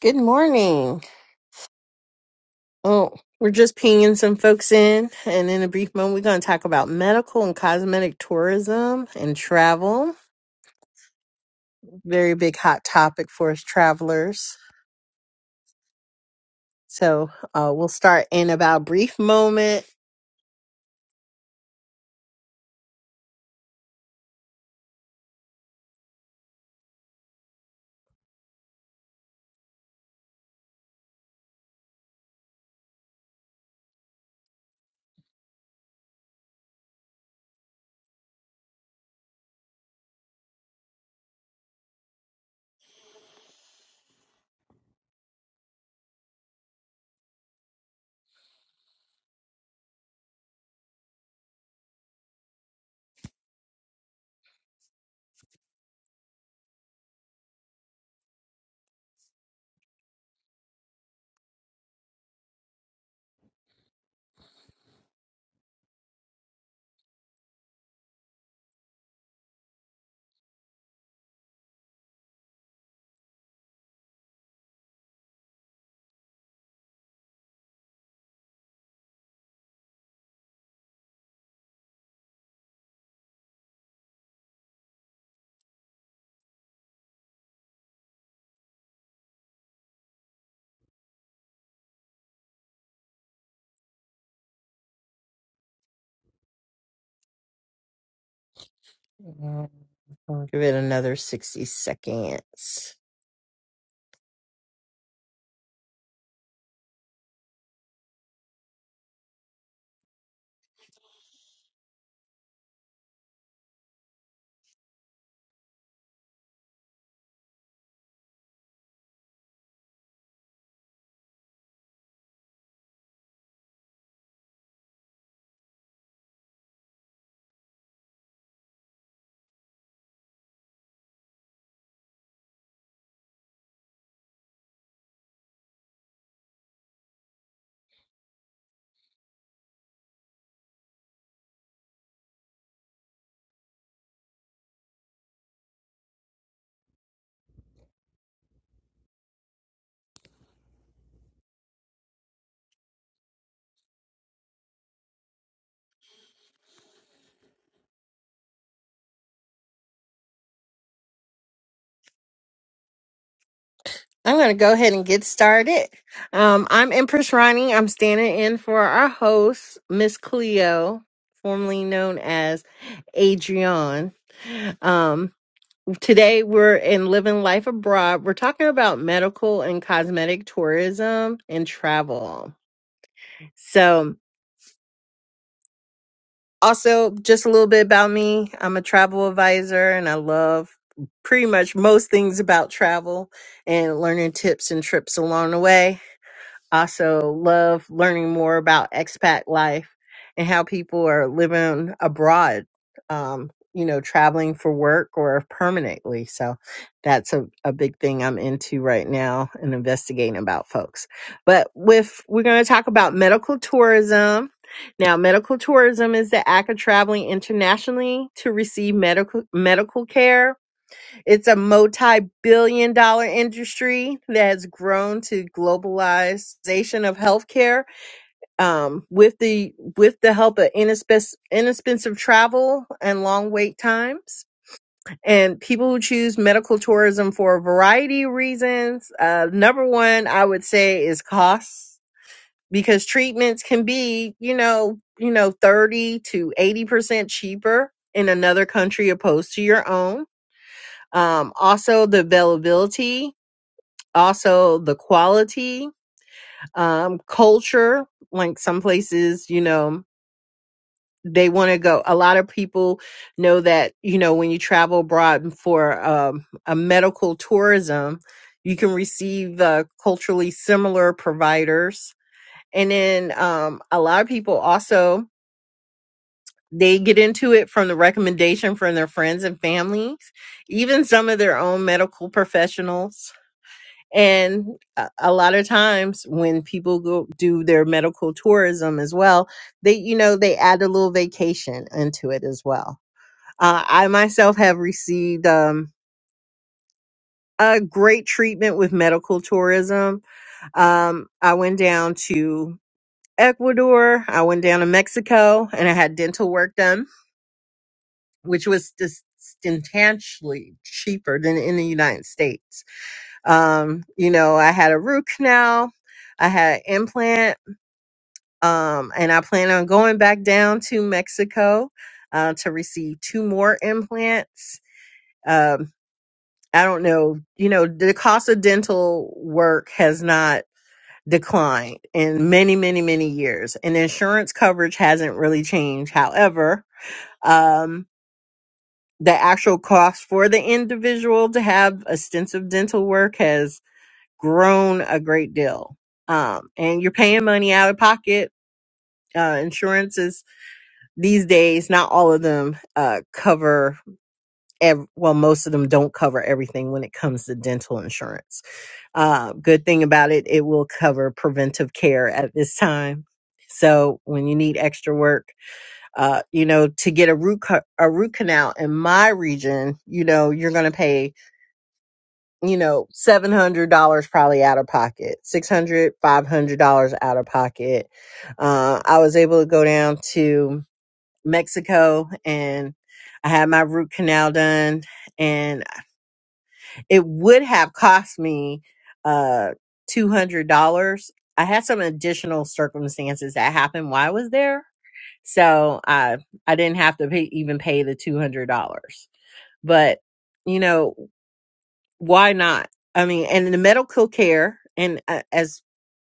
Good morning. Oh, we're just pinging some folks in, and in a brief moment, we're going to talk about medical and cosmetic tourism and travel. Very big hot topic for us travelers. So uh, we'll start in about a brief moment. Mm, I'll give it another 60 seconds. I'm going to go ahead and get started. Um, I'm Empress Ronnie. I'm standing in for our host, Miss Cleo, formerly known as Adrienne. Um, today we're in Living Life Abroad. We're talking about medical and cosmetic tourism and travel. So, also, just a little bit about me I'm a travel advisor and I love pretty much most things about travel and learning tips and trips along the way. Also, love learning more about expat life and how people are living abroad, um, you know, traveling for work or permanently. So that's a, a big thing I'm into right now and investigating about folks. But with, we're going to talk about medical tourism. Now, medical tourism is the act of traveling internationally to receive medical medical care it's a multi-billion dollar industry that has grown to globalization of healthcare um, with the with the help of inexpensive, inexpensive travel and long wait times. And people who choose medical tourism for a variety of reasons, uh, number one, I would say is costs because treatments can be, you know, you know, 30 to 80% cheaper in another country opposed to your own um, also the availability, also the quality, um, culture. Like some places, you know, they want to go. A lot of people know that, you know, when you travel abroad for um, a medical tourism, you can receive uh, culturally similar providers. And then um, a lot of people also they get into it from the recommendation from their friends and families, even some of their own medical professionals And a, a lot of times when people go do their medical tourism as well, they, you know, they add a little vacation into it as well. Uh, I myself have received um, a great treatment with medical tourism. Um, I went down to Ecuador, I went down to Mexico, and I had dental work done, which was just substantially cheaper than in the United States Um, you know, I had a root canal, I had an implant, um, and I plan on going back down to Mexico uh, to receive two more implants. Um, I don't know, you know, the cost of dental work has not declined in many, many, many years, and insurance coverage hasn't really changed. However, um, the actual cost for the individual to have extensive dental work has grown a great deal. Um, and you're paying money out of pocket. Uh, insurances these days, not all of them uh, cover, ev- well, most of them don't cover everything when it comes to dental insurance. Uh, good thing about it, it will cover preventive care at this time. So when you need extra work, uh, you know, to get a root, ca- a root canal in my region, you know, you're going to pay you know, seven hundred dollars probably out of pocket, six hundred, five hundred dollars out of pocket. Uh, I was able to go down to Mexico and I had my root canal done, and it would have cost me uh two hundred dollars. I had some additional circumstances that happened while I was there, so I I didn't have to pay, even pay the two hundred dollars but you know why not? I mean, and the medical care, and uh, as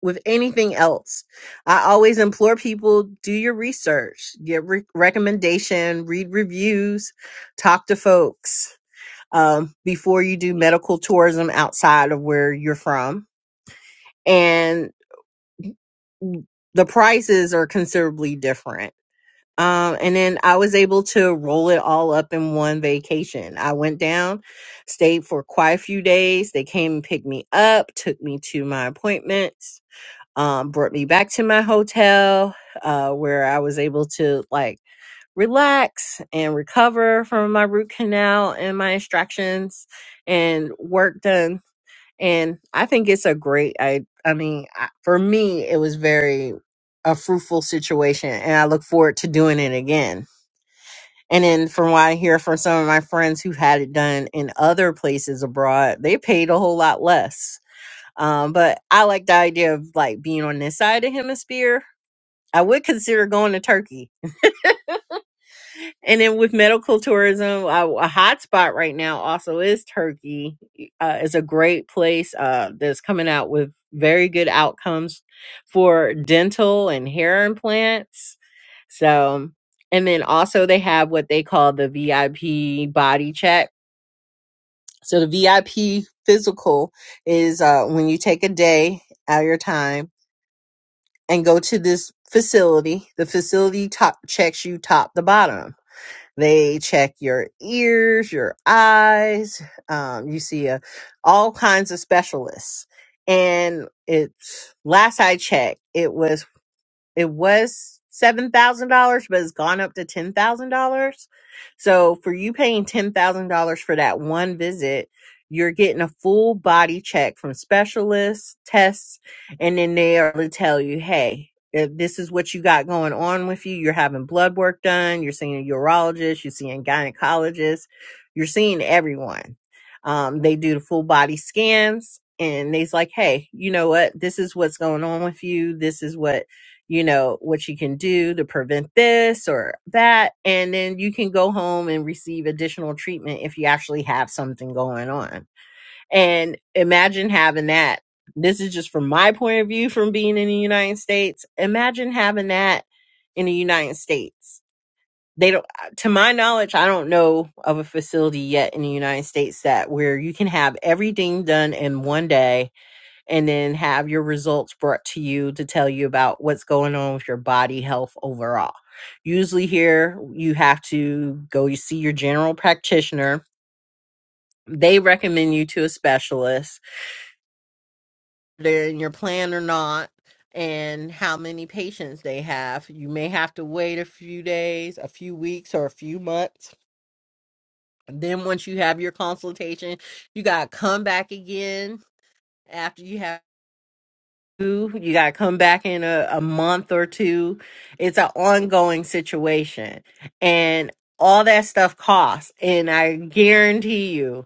with anything else, I always implore people do your research, get re- recommendation, read reviews, talk to folks um, before you do medical tourism outside of where you're from. And the prices are considerably different um, and then I was able to roll it all up in one vacation. I went down, stayed for quite a few days. They came and picked me up, took me to my appointments, um, brought me back to my hotel, uh, where I was able to like relax and recover from my root canal and my extractions and work done. And I think it's a great, I, I mean, I, for me, it was very a fruitful situation and I look forward to doing it again and then from what I hear from some of my friends who've had it done in other places abroad, they paid a whole lot less. Um, but I like the idea of like being on this side of the hemisphere. I would consider going to Turkey and then with medical tourism, uh, a hot spot right now also is Turkey. Uh, it's a great place uh, that's coming out with very good outcomes for dental and hair implants. So, and then also they have what they call the VIP body check. So the VIP physical is uh, when you take a day out of your time and go to this facility. The facility top checks you top to bottom they check your ears, your eyes. Um, you see uh, all kinds of specialists. And it's last I checked, it was it was seven thousand dollars, but it's gone up to ten thousand dollars. So for you paying ten thousand dollars for that one visit, you're getting a full body check from specialists, tests, and then they are to tell you, hey, if this is what you got going on with you. You're having blood work done. You're seeing a urologist. You're seeing gynecologists. You're seeing everyone. Um, they do the full body scans and they's like, hey, you know what? This is what's going on with you. This is what you know what you can do to prevent this or that and then you can go home and receive additional treatment if you actually have something going on and imagine having that this is just from my point of view from being in the united states imagine having that in the united states they don't to my knowledge i don't know of a facility yet in the united states that where you can have everything done in one day and then have your results brought to you to tell you about what's going on with your body health overall. Usually, here you have to go you see your general practitioner. They recommend you to a specialist. They're in your plan or not, and how many patients they have. You may have to wait a few days, a few weeks, or a few months. Then, once you have your consultation, you got to come back again after you have. you. got to come back in a, a month or two. It's an ongoing situation. And all that stuff costs. And I guarantee you,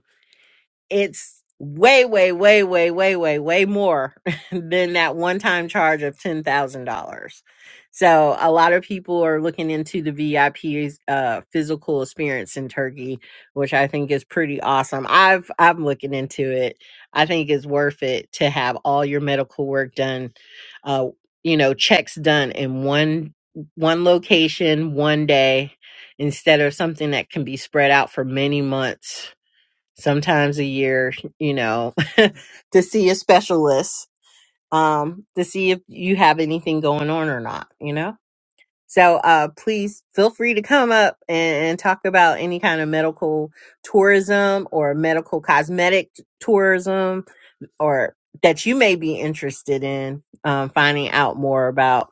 it's way, way, way, way, way, way, way more than that one time charge of ten thousand dollars. So a lot of people are looking into the VIP's uh, physical experience in Turkey, which I think is pretty awesome. I've I'm looking into it. I think it's worth it to have all your medical work done, uh, you know, checks done in one one location, one day, instead of something that can be spread out for many months sometimes a year, you know, to see a specialist, um, to see if you have anything going on or not, you know? So uh, please feel free to come up and, and talk about any kind of medical tourism or medical cosmetic tourism or that you may be interested in um, finding out more about.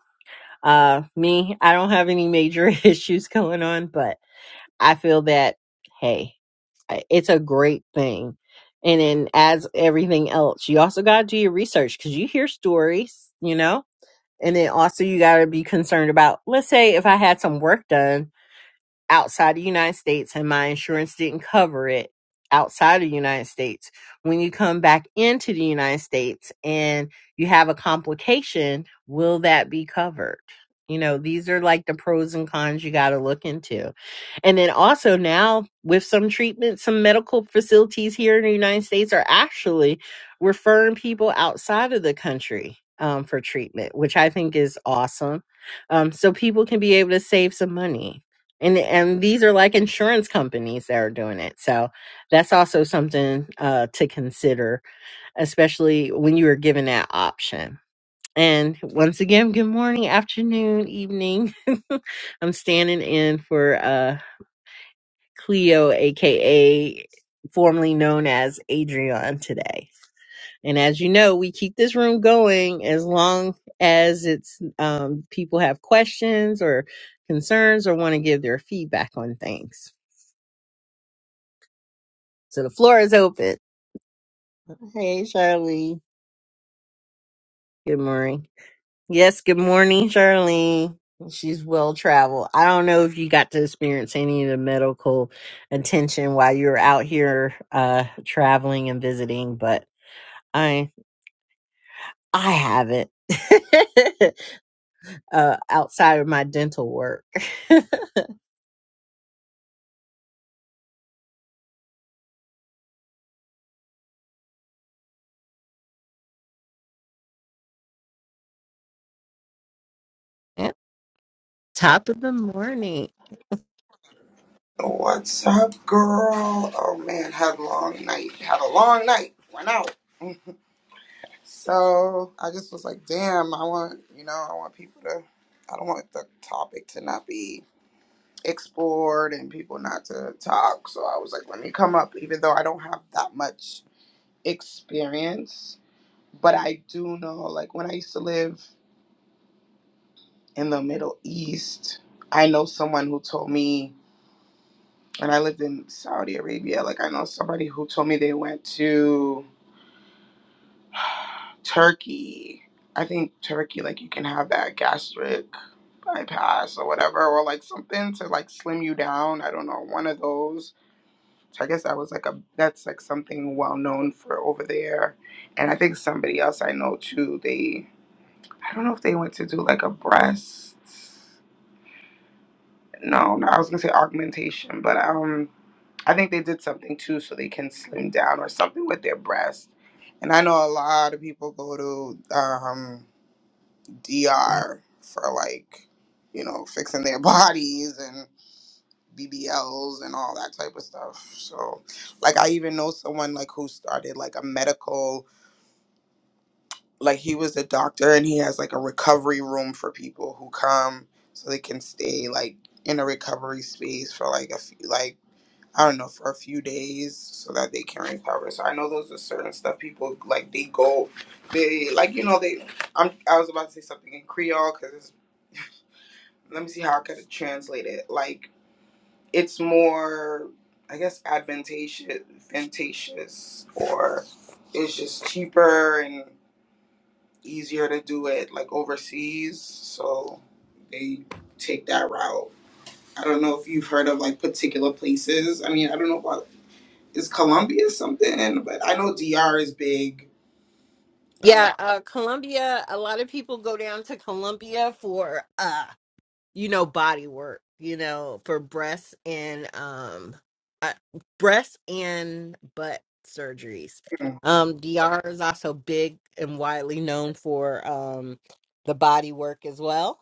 Uh, me, I don't have any major issues going on, but I feel that, hey it's a great thing. And then as everything else, you also got to do your research because you hear stories, you know, and then also you got to be concerned about, let's say if I had some work done outside the United States and my insurance didn't cover it outside of the United States. When you come back into the United States and you have a complication, will that be covered? You know, these are like the pros and cons you got to look into. And then also now with some treatment, some medical facilities here in the United States are actually referring people outside of the country um, for treatment, which I think is awesome. Um, so people can be able to save some money and and these are like insurance companies that are doing it so that's also something uh, to consider especially when you are given that option and once again good morning afternoon evening i'm standing in for uh cleo aka formerly known as adrian today and as you know we keep this room going as long as it's um, people have questions or concerns or want to give their feedback on things So the floor is open. Hey, Charlene. Good morning. Yes, good morning, Charlene. She's well traveled. I don't know if you got to experience any of the medical attention while you were out here uh traveling and visiting, but I I haven't. uh outside of my dental work. Yeah, Top of the morning. What's up, girl? Oh man, had a long night. Had a long night. Went out. So I just was like, damn, I want, you know, I want people to, I don't want the topic to not be explored and people not to talk. So I was like, let me come up, even though I don't have that much experience. But I do know, like, when I used to live in the Middle East, I know someone who told me when I lived in Saudi Arabia, like I know somebody who told me they went to Turkey. I think Turkey, like you can have that gastric bypass or whatever, or like something to like slim you down. I don't know, one of those. So I guess that was like a that's like something well known for over there. And I think somebody else I know too, they I don't know if they went to do like a breast. No, no, I was gonna say augmentation, but um I think they did something too so they can slim down or something with their breast. And I know a lot of people go to um, DR for like, you know, fixing their bodies and BBLs and all that type of stuff. So, like, I even know someone like who started like a medical, like he was a doctor and he has like a recovery room for people who come so they can stay like in a recovery space for like a few, like I don't know, for a few days so that they can recover. So I know those are certain stuff people like they go, they like you know they. I'm I was about to say something in Creole because let me see how I could translate it. Like it's more, I guess, advantageous, advantageous, or it's just cheaper and easier to do it like overseas. So they take that route. I don't know if you've heard of like particular places. I mean, I don't know about is Colombia something? But I know DR is big, um, Yeah, uh Columbia, a lot of people go down to Columbia for uh, you know body work you know for breasts and um uh, breasts and butt surgeries um dr is also big and widely known for um the body work as well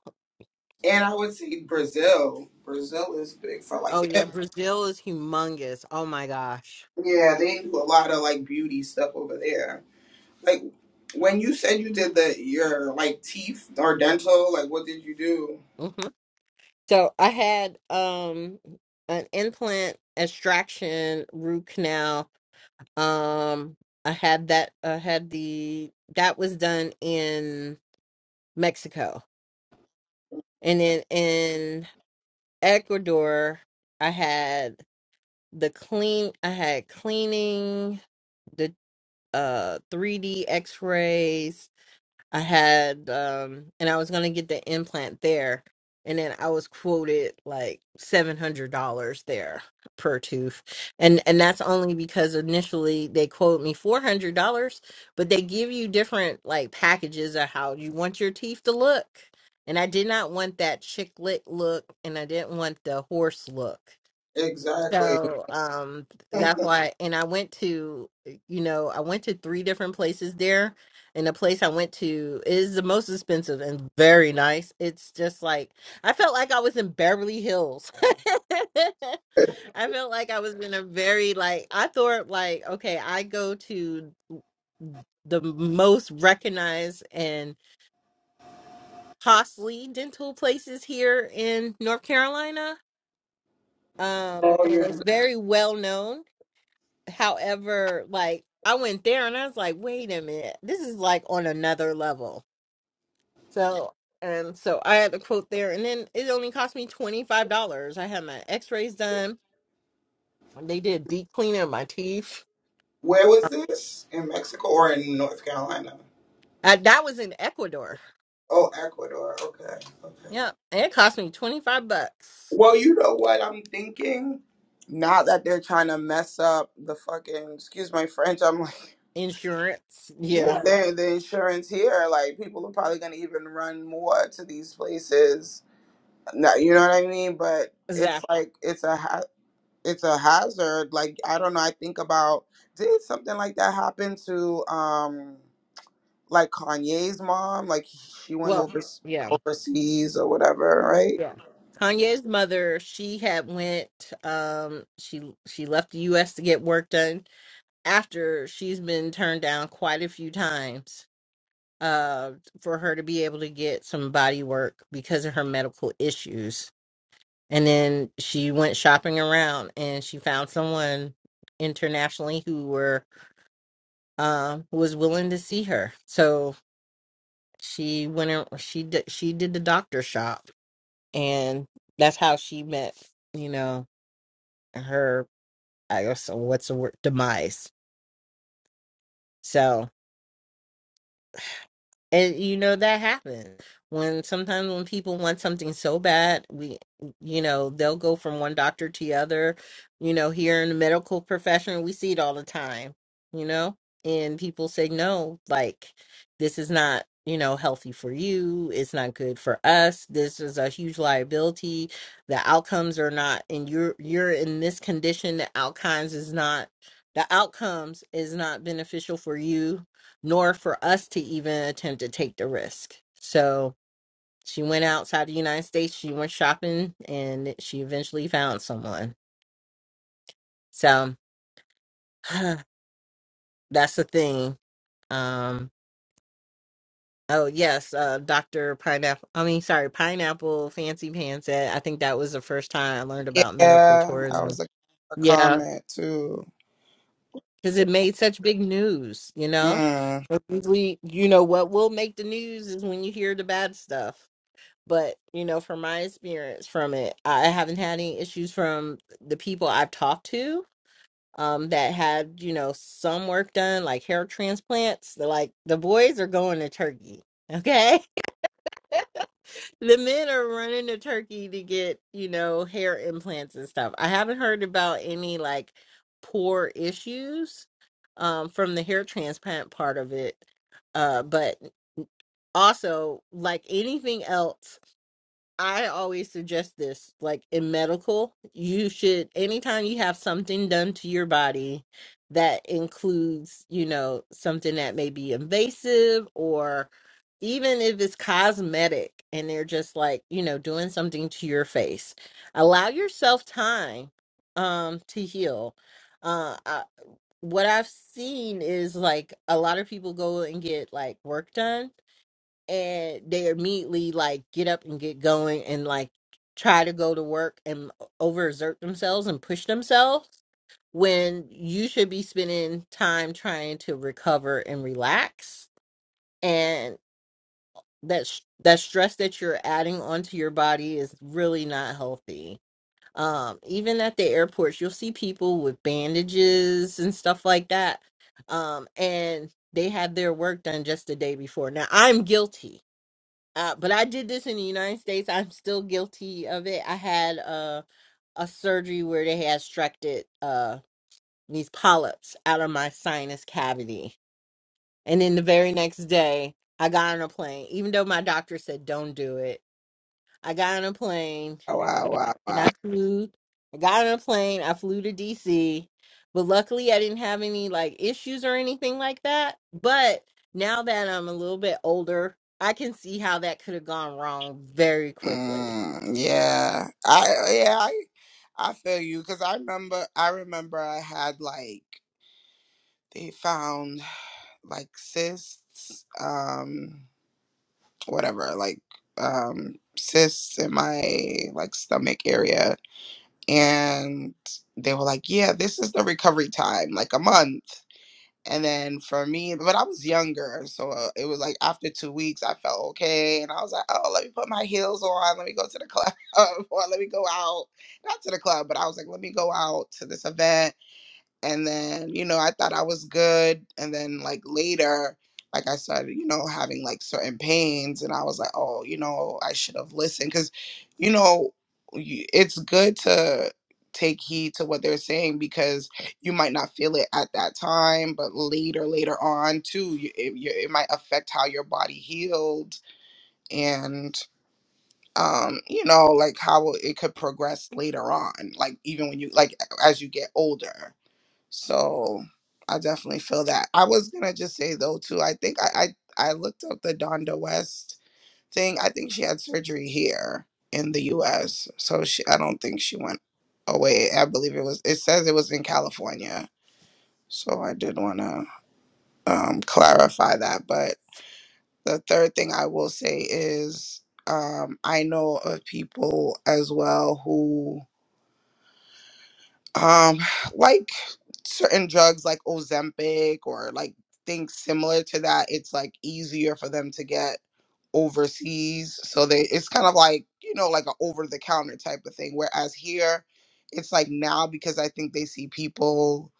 and I would say Brazil. Brazil is big for like oh they, yeah have- brazil is humongous oh my gosh yeah, they do a lot of like beauty stuff over there. Like when you said you did the your like teeth or dental, like what did you do hmm so i had um an implant extraction root canal um i had that i had the that was done in mexico And then in Ecuador, I had the clean, I had cleaning, the uh 3D x-rays, I had um and I was gonna get the implant there and then I was quoted like seven hundred dollars there per tooth. And and that's only because initially they quote me four hundred dollars, but they give you different like packages of how you want your teeth to look. And I did not want that chick lick look and I didn't want the horse look. exactly? So um that's why and I went to eh, you know, I went to three different places there and the place I went to is the most expensive and very nice. It's just like I felt like I was in Beverly Hills. I felt like I was in a very like I thought like okay, I go to the most recognized and costly dental places here in North Carolina. Um oh, and it's you very well known However, like I went there and I was like, wait a minute, this is like on another level. So and so I had to quote there, and then it only cost me twenty five dollars. I had my X rays done. They did deep cleaning of my teeth. where was this in Mexico or in North Carolina? Uh, that was in Ecuador. Oh, Ecuador. Okay, okay. Yeah, and it cost me twenty five bucks. Well, you know what I'm thinking? Now that they're trying to mess up the fucking, excuse my French, I'm like, Insurance. yeah, Yeah, they the insurance here, like people are probably gonna even run more to these places. No, you know what I mean? But it's exactly. like it's a ha- it's a hazard. Like I don't know. I think about did something like that happen to um like Kanye's mom? Like she went Well, over yeah, overseas or whatever, right? yeah. Kanye's mother, she had went. Um, she she left the U.S. to get work done after she's been turned down quite a few times uh for her to be able to get some body work because of her medical issues and then she went shopping around and she found someone internationally who were uh, who was willing to see her so she went and she did she did the doctor shop and that's how she met you know her i guess what's the word demise so And you know that happens when sometimes when people want something so bad, we you know they'll go from one doctor to the other. You know, here in the medical profession, we see it all the time. You know, and people say no, like this is not you know healthy for you. It's not good for us. This is a huge liability. The outcomes are not, and you're you're in this condition. The outcomes is not. The outcomes is not beneficial for you nor for us to even attempt to take the risk. So she went outside the United States, she went shopping, and she eventually found someone. So that's the thing. Um, oh, yes, uh, Dr. Pineapple, I mean, sorry, Pineapple Fancy Pants said, I think that was the first time I learned about medical Yeah, I tourism. was a, a Yeah, comment too. because it made such big news, you know? Mm. But Usually, you know, what will make the news is when you hear the bad stuff. But you know, from my experience from it, I haven't had any issues from the people I've talked to um, that had you know some work done, like hair transplants. They're like the boys are going to Turkey. Okay, the men are running to Turkey to get you know hair implants and stuff. I haven't heard about any like poor issues um, from the hair transplant part of it, uh, but also like anything else I always suggest this, like in medical, you should, anytime you have something done to your body that includes, you know, something that may be invasive or even if it's cosmetic and they're just like, you know, doing something to your face, allow yourself time um to heal. Uh I, what I've seen is like a lot of people go and get like work done and they immediately like get up and get going and like try to go to work and overexert themselves and push themselves when you should be spending time trying to recover and relax and that sh- that stress that you're adding onto your body is really not healthy um even at the airports you'll see people with bandages and stuff like that um and they had their work done just the day before now i'm guilty uh, but I did this in the United States. I'm still guilty of it. I had uh, a surgery where they had extracted uh, these polyps out of my sinus cavity. And then the very next day, I got on a plane, even though my doctor said, don't do it. I got on a plane Wow, wow, wow. and wow. I flew. I got on a plane. I flew to DC, but luckily I didn't have any like issues or anything like that. But now that I'm a little bit older, I can see how that could have gone wrong very quickly. Mm, yeah, I yeah I I feel you because I remember I remember I had like they found like cysts, um, whatever, like um cysts in my like stomach area, and they were like, yeah, this is the recovery time, like a month. And then for me, but I was younger, so uh, it was like after two weeks, I felt okay, and I was like, "Oh, let me put my heels on, let me go to the club, or let me go out, not to the club, but I was like, let me go out to this event." and then you know i thought i was good and then like later like i started you know having like certain pains and i was like oh you know i should have listened because you know y- it's good to take heed to what they're saying because you might not feel it at that time but later later on too you, it, you, it might affect how your body healed and um you know like how it could progress later on like even when you like as you get older so I definitely feel that. I was gonna just say though too. I think I I, I looked up the Donda West thing. I think she had surgery here in the U.S. So she I don't think she went away. I believe it was. It says it was in California. So I did wanna um, clarify that. But the third thing I will say is um, I know of people as well who um like certain drugs like ozempic or like things similar to that it's like easier for them to get overseas so they it's kind of like you know like an over the counter type of thing whereas here it's like now because i think they see people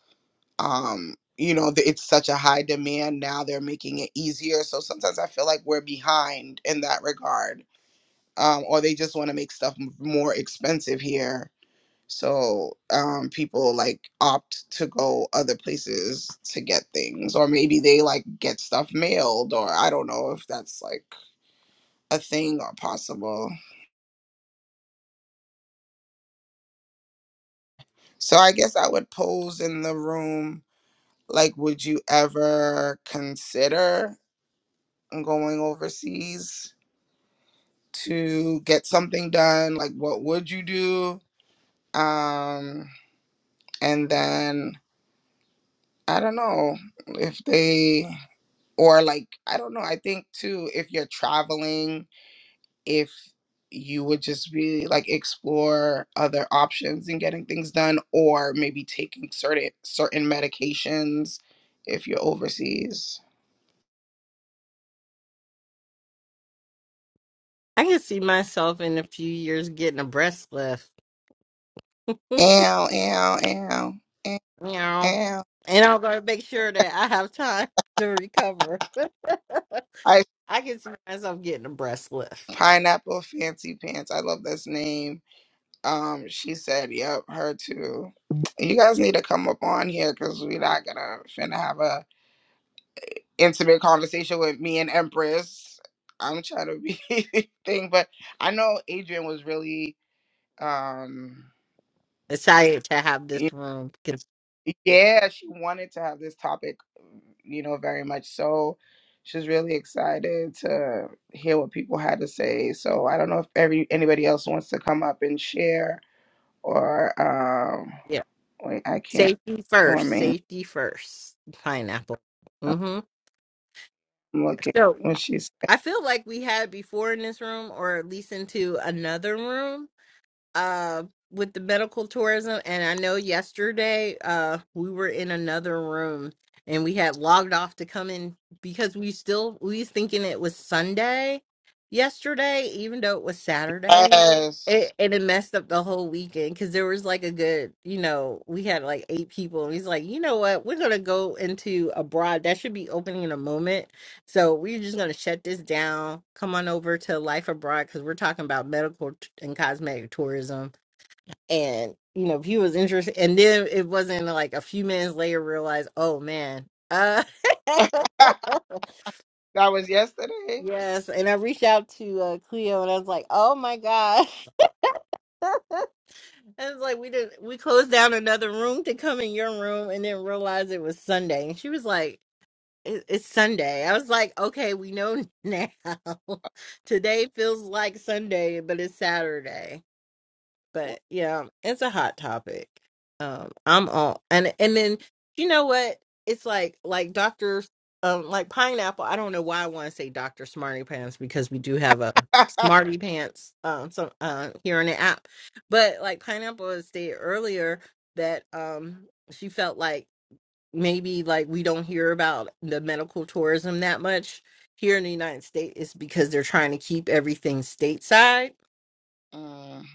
um you know th- it's such a high demand now they're making it easier so sometimes i feel like we're behind in that regard um or they just want to make stuff m- more expensive here so um, people like opt to go other places to get things, or maybe they like get stuff mailed, or I don't know if that's like a thing or possible. So I guess I would pose in the room like, would you ever consider going overseas to get something done? Like, what would you do? Um, and then I don't know if they or like i don't know i think too if you're traveling if you would just really like explore other options in getting things done or maybe taking certain certain medications if you're overseas I can see myself in a few years getting a breast lift, ow ow ow ow, you know, ow. and I'm going to make sure that I have time to recover. i I can see myself getting a breast lift. pineapple fancy pants i love this name um she said yep her too you guys need to come up on here because we're not gonna finna have a intimate conversation with me and Empress. I'm trying to be thing, but I know Adrian was really um Excited to have y- this room. yeah, she wanted to have this topic, you know, very much so. She's really excited to hear what people had to say. So I don't know if every anybody else wants to come up and share or um wait, I can't Safety show first. me. Safety first. Pineapple. Mm-hmm. I'm looking So when she I feel like we had before in this room, or at least into another room uh with the medical tourism and I know yesterday uh we were in another room and we had logged off to come in because we still we was thinking it was Sunday yesterday even though it was Saturday says. it, and it messed up the whole weekend because there was like a good you know we had like eight people and he's like you know what we're gonna go into abroad that should be opening in a moment so we're just going to shut this down. Come on over to Life Abroad because we're talking about medical t- and cosmetic tourism. And, you know, if he was interested, and then it wasn't like a few minutes later realized, oh man. Uh, that was yesterday. yes. And I reached out to uh, Cleo and I was like, oh my gosh. And it's like we didn't we closed down another room to come in your room and then realized it was Sunday. And she was like, it, it's Sunday. I was like, okay, we know now. Today feels like Sunday, but it's Saturday. But yeah, it's a hot topic. Um, I'm all and and then you know what? It's like like Doctor um like pineapple. I don't know why I want to say Doctor Smarty Pants because we do have a Smarty Pants um some uh here on the app, but like pineapple had stated earlier that um she felt like maybe like we don't hear about the medical tourism that much here in the United States is because they're trying to keep everything stateside. Mm.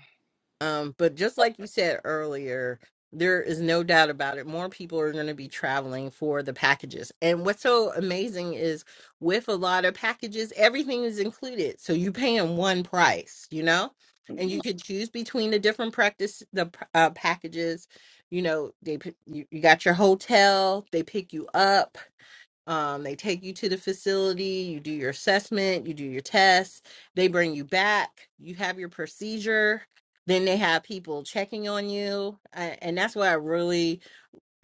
Um, but just like you said earlier, there is no doubt about it. More people are going to be traveling for the packages. And what's so amazing is with a lot of packages, everything is included. So you pay in one price, you know? And you could choose between the different practice the uh, packages. You know, they p- you, you got your hotel, they pick you up, um, they take you to the facility, you do your assessment, you do your tests, they bring you back, you have your procedure, then they have people checking on you. I, and that's what I really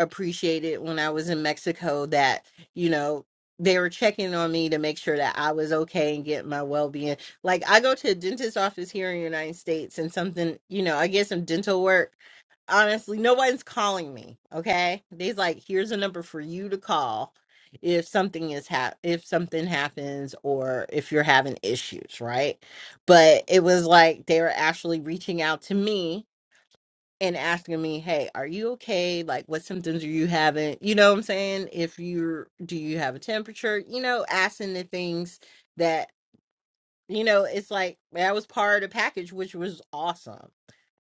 appreciated when I was in Mexico that, you know, they were checking on me to make sure that I was okay and get my well being. Like I go to a dentist office here in the United States and something, you know, I get some dental work honestly, no one's calling me. Okay, they's like, here's a number for you to call if something is hap- if something happens or if you're having issues, right? But it was like they were actually reaching out to me and asking me, "Hey, are you okay? Like, what symptoms are you having? You know what I'm saying? If you're, do you have a temperature? You know, asking the things that." You know, it's like that was part of the package, which was awesome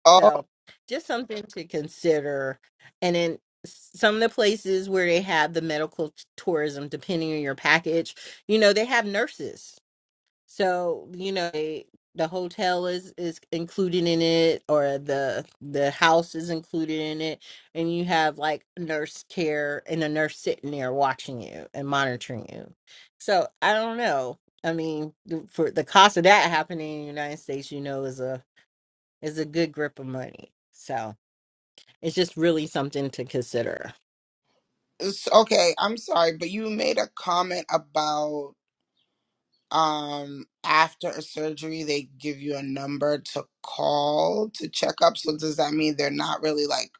Oh. so just something to consider. And then some of the places where they have the medical t- tourism, depending on your package, you know, they have nurses. So, you know, they, the hotel is is included in it or the the house is included in it and you have like nurse care and a nurse sitting there watching you and monitoring you. So, I don't know. I mean, the- for the cost of that happening in the United States, you know, is a is a good grip of money. So it's just really something to consider. s- okay i'm sorry but you made a comment about um after a surgery they give you a number to call to check up so does that mean they're not really like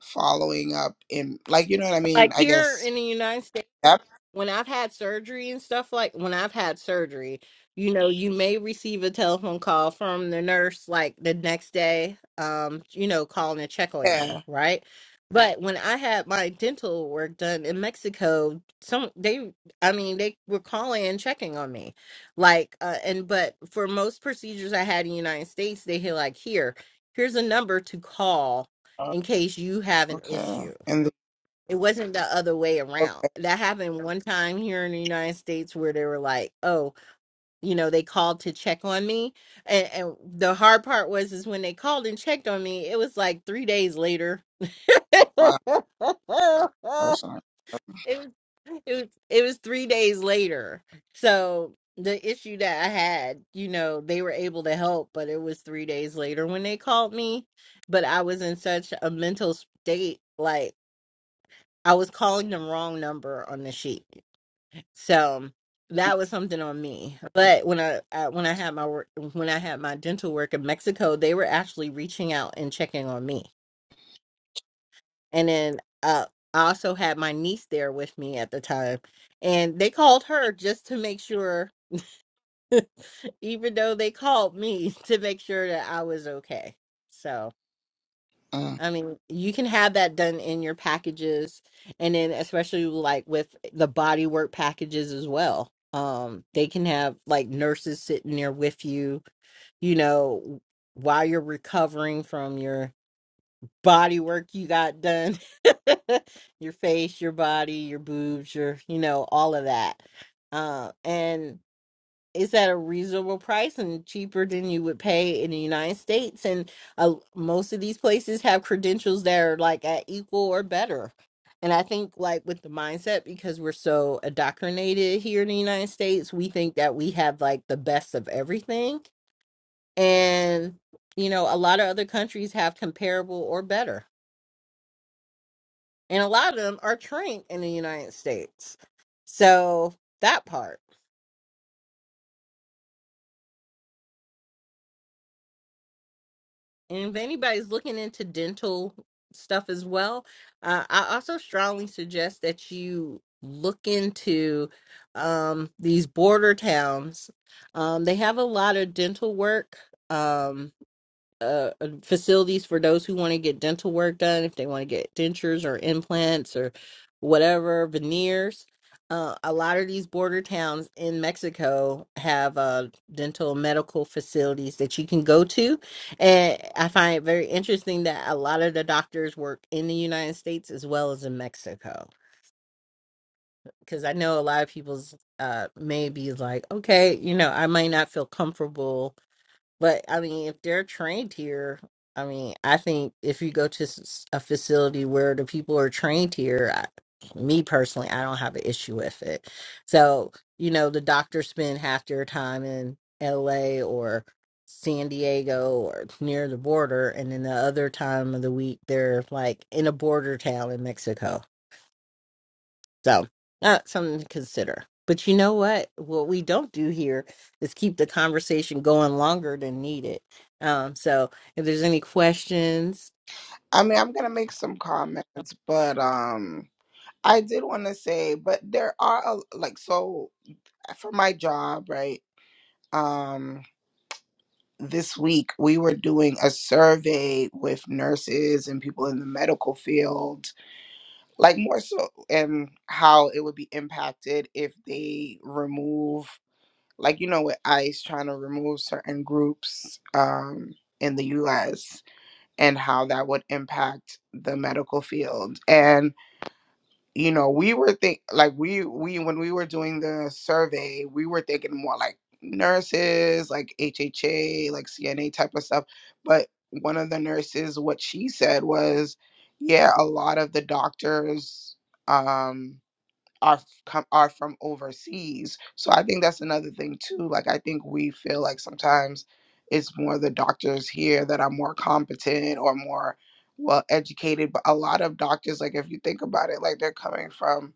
following up in like you know what i mean Like i here guess in the United States. yep when I've had surgery and stuff like when I've had surgery, you know, you may receive a telephone call from the nurse like the next day, um, you know, calling to check on you, yeah right? But when I had my dental work done in Mexico, some they, I mean, they were calling and checking on me, like, uh, and but for most procedures I had in the United States, they had like here, here's a number to call Uh, in case you have an okay issue and the, it wasn't the other way around. okay That happened one time here in the United States where they were like, "Oh, you know, they called to check on me." And, and the hard part was is when they called and checked on me, it was like 3 days later. it wow that's not- was it was it was 3 days later. So the issue that I had, you know, they were able to help, but it was 3 days later when they called me, but I was in such a mental state like I was calling the wrong number on the sheet. So that was something on me. But when I, I when I had my work when I had my dental work in Mexico, they were actually reaching out and checking on me. And then uh, I also had my niece there with me at the time, and they called her just to make sure, even though they called me to make sure that I was okay. so. mm. I mean, you can have that done in your packages and then especially like with the body work packages as well. Um, they can have like nurses sitting there with you, you know, while you're recovering from your body work you got done. your face, your body, your boobs, your, you know, all of that. Uh, and is at a reasonable price and cheaper than you would pay in the United States. And uh, most of these places have credentials that are like at equal or better. And I think, like, with the mindset, because we're so indoctrinated here in the United States, we think that we have like the best of everything. And, you know, a lot of other countries have comparable or better. And a lot of them are trained in the United States. So that part. And if anybody's looking into dental stuff as well, uh, I also strongly suggest that you look into um, these border towns. Um, they have a lot of dental work. Um, uh, uh, facilities for those who want to get dental work done, if they want to get dentures or implants or whatever, veneers. Uh, a lot of these border towns in Mexico have uh, dental medical facilities that you can go to. And I find it very interesting that a lot of the doctors work in the United States as well as in Mexico. Because I know a lot of people's uh, maybe like, okay, you know, I might not feel comfortable but I mean, if they're trained here, I mean, I think if you go to s- a facility where the people are trained here, I, me personally, I don't have an issue with it. So, you know, the doctors spend half their time in LA or San Diego or near the border, and then the other time of the week, they're like in a border town in Mexico. So that's something to consider. But you know what? What we don't do here is keep the conversation going longer than needed. Um, so if there's any questions, i mean i'm gonna make some comments but um i did want to say but there are a- like so for my job right um this week we were doing a survey with nurses and people in the medical field like more so and how it would be impacted if they remove like you know with ice trying to remove certain groups um in the US and how that would impact the medical field and you know we were think like we we when we were doing the survey we were thinking more like nurses like hha like cna type of stuff but one of the nurses what she said was yeah a lot of the doctors um are f- come are from overseas. So I think that's another thing too. Like I think we feel like sometimes it's more the doctors here that are more competent or more well educated, but a lot of doctors like if you think about it like they're coming from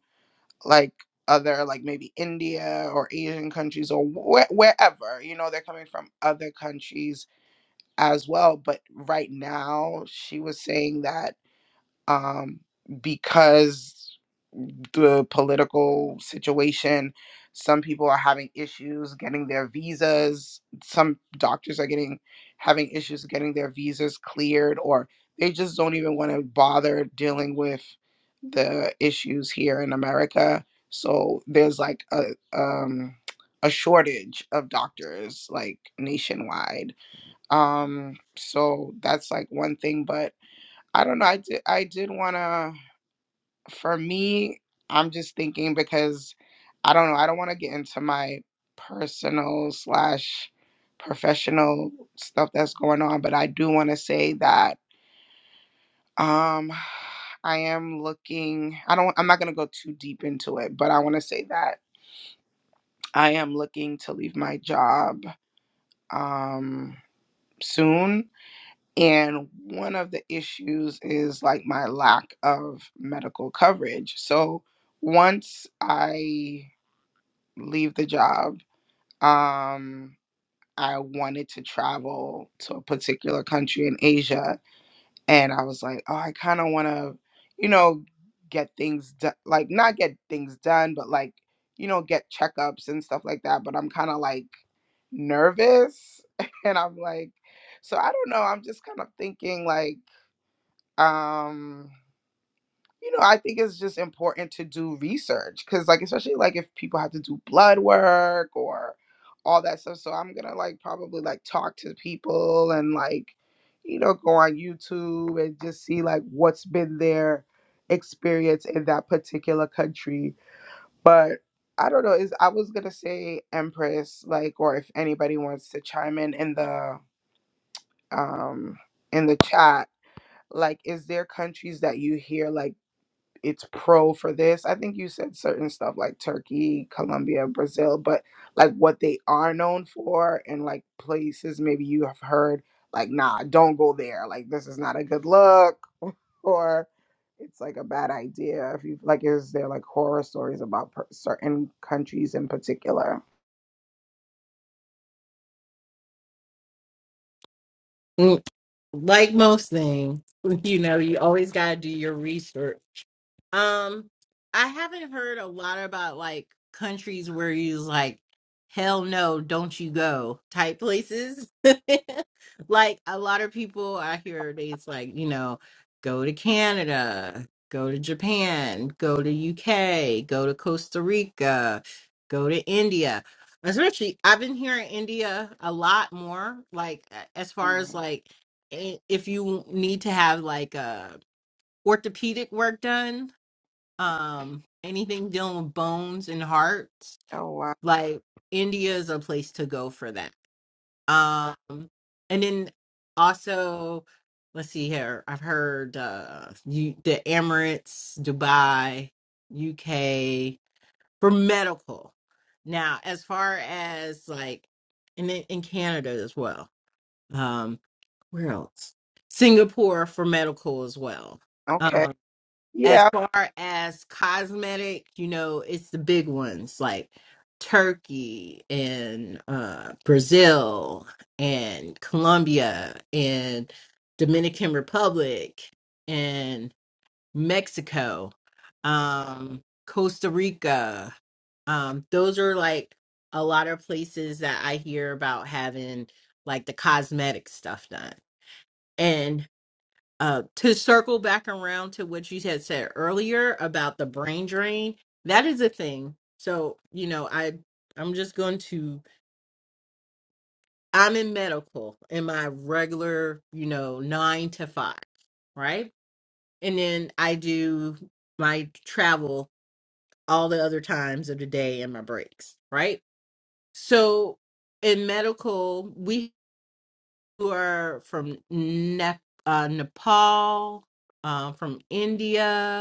like other like maybe India or Asian countries or wh- wherever, you know, they're coming from other countries as well, but right now she was saying that um because the political situation. Some people are having issues getting their visas. Some doctors are getting having issues getting their visas cleared, or they just don't even want to bother dealing with the issues here in America. So there's like a um, a shortage of doctors like nationwide. Um, so that's like one thing. But I don't know. I did I did want to for me, I'm just thinking because I don't know, I don't want to get into my personal slash professional stuff that's going on, but I do want to say that um I am looking I don't I'm not going to go too deep into it, but I want to say that I am looking to leave my job um soon and one of the issues is like my lack of medical coverage. So once I leave the job. Um, I wanted to travel to a particular country in Asia, and I was like, oh, I kind of want to, you know, get things done, like not get things done, but like, you know, get checkups and stuff like that. But I'm kind of like nervous, and I'm like, so I don't know. I'm just kind of thinking like, um, you know, I think it's just important to do research because, like, especially like if people have to do blood work or all that stuff. So I'm gonna like probably like talk to people and like, you know, go on YouTube and just see like what's been their experience in that particular country. But I don't know. Is I was gonna say Empress, like, or if anybody wants to chime in in the um in the chat like is there countries that you hear like it's pro for this. I think you said certain stuff like Turkey, Colombia, Brazil, but like what they are known for and like places maybe you have heard like nah, don't go there. Like this is not a good look or it's like a bad idea if you like is there like horror stories about per- certain countries in particular. mm, like most things, you know, you always got to do your research Um, I haven't heard a lot about like countries where you's like, hell no, don't you go type places. like a lot of people I hear they's like, you know, go to Canada, go to Japan, go to UK, go to Costa Rica, go to India. Especially, I've been hearing India a lot more. Like a- as far as Mm. like, i- if you need to have like a orthopedic work done um anything dealing with bones and hearts Oh wow. like india is a place to go for that um and then also let's see here i've heard uh you the emirates dubai uk for medical now as far as like and in, in canada as well um where else singapore for medical as well Um, Okay. as Yeah. far as cosmetic, you know, it's the big ones like Turkey and uh, Brazil and Colombia and Dominican Republic and Mexico, um, Costa Rica. Um, those are like a lot of places that I hear about having like the cosmetic stuff done uh, to circle back around to what you had said earlier about the brain drain, that is a thing. So you know, I I'm just going to I'm in medical in my regular you know nine to five, right? And then I do my travel all the other times of the day and my breaks, right? So in medical, we are from Nep- uh, Nepal, uh, from India,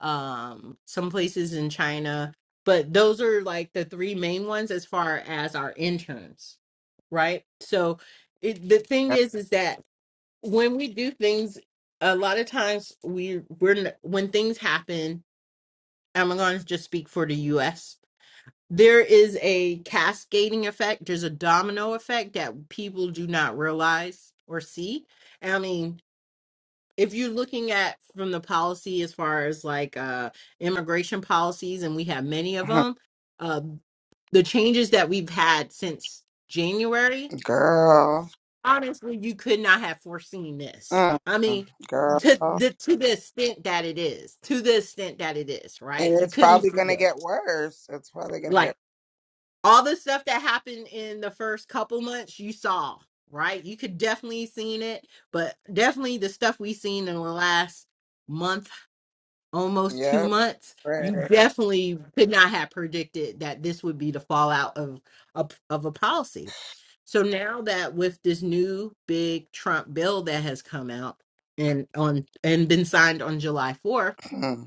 um some places in China, but those are like the three main ones as far as our interns, right? So it, the thing is is that when we do things a lot of times we we're n- when things happen, I'm going to just speak for the US. There is a cascading effect, there's a domino effect that people do not realize or see. I mean, if you're looking at from the policy as far as like uh immigration policies and we have many of Mhm. them uh the changes that we've had since january Girl. honestly you could not have foreseen this Mm. i mean Girl. to the And to the extent that it is to the extent that it is right you it's couldn't probably see going to this get worse. It's probably going to get like all the stuff that happened in the first couple months you saw right you could definitely seen it but definitely the stuff we seen in the last month almost two Yep. months, Right. you definitely could not have predicted that this would be the fallout of a, of a policy. So now that with this new big Trump bill that has come out and on and been signed on July 4th, Hmm.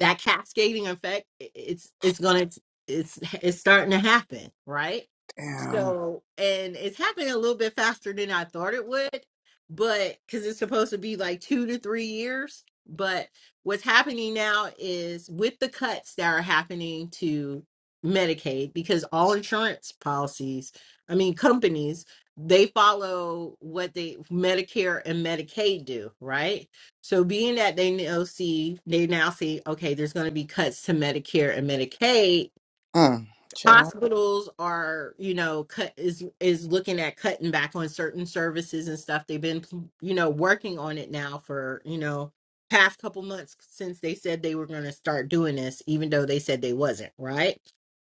that cascading effect i- it's it's gonna it's it's starting to happen right Damn. so and it's happening a little bit faster than i thought it would but because it's supposed to be like two to three years but what's happening now is with the cuts that are happening to medicaid because all insurance policies i mean companies they follow what they medicare and medicaid do right so being that they now see they now see, okay, there's gonna be cuts to Medicare and Medicaid, Hmm. Child. hospitals are, you know, cut is is looking at cutting back on certain services and stuff. They've been you know, working on it now for, you know, past couple months since they said they were gonna start doing this, even though they said they wasn't, right?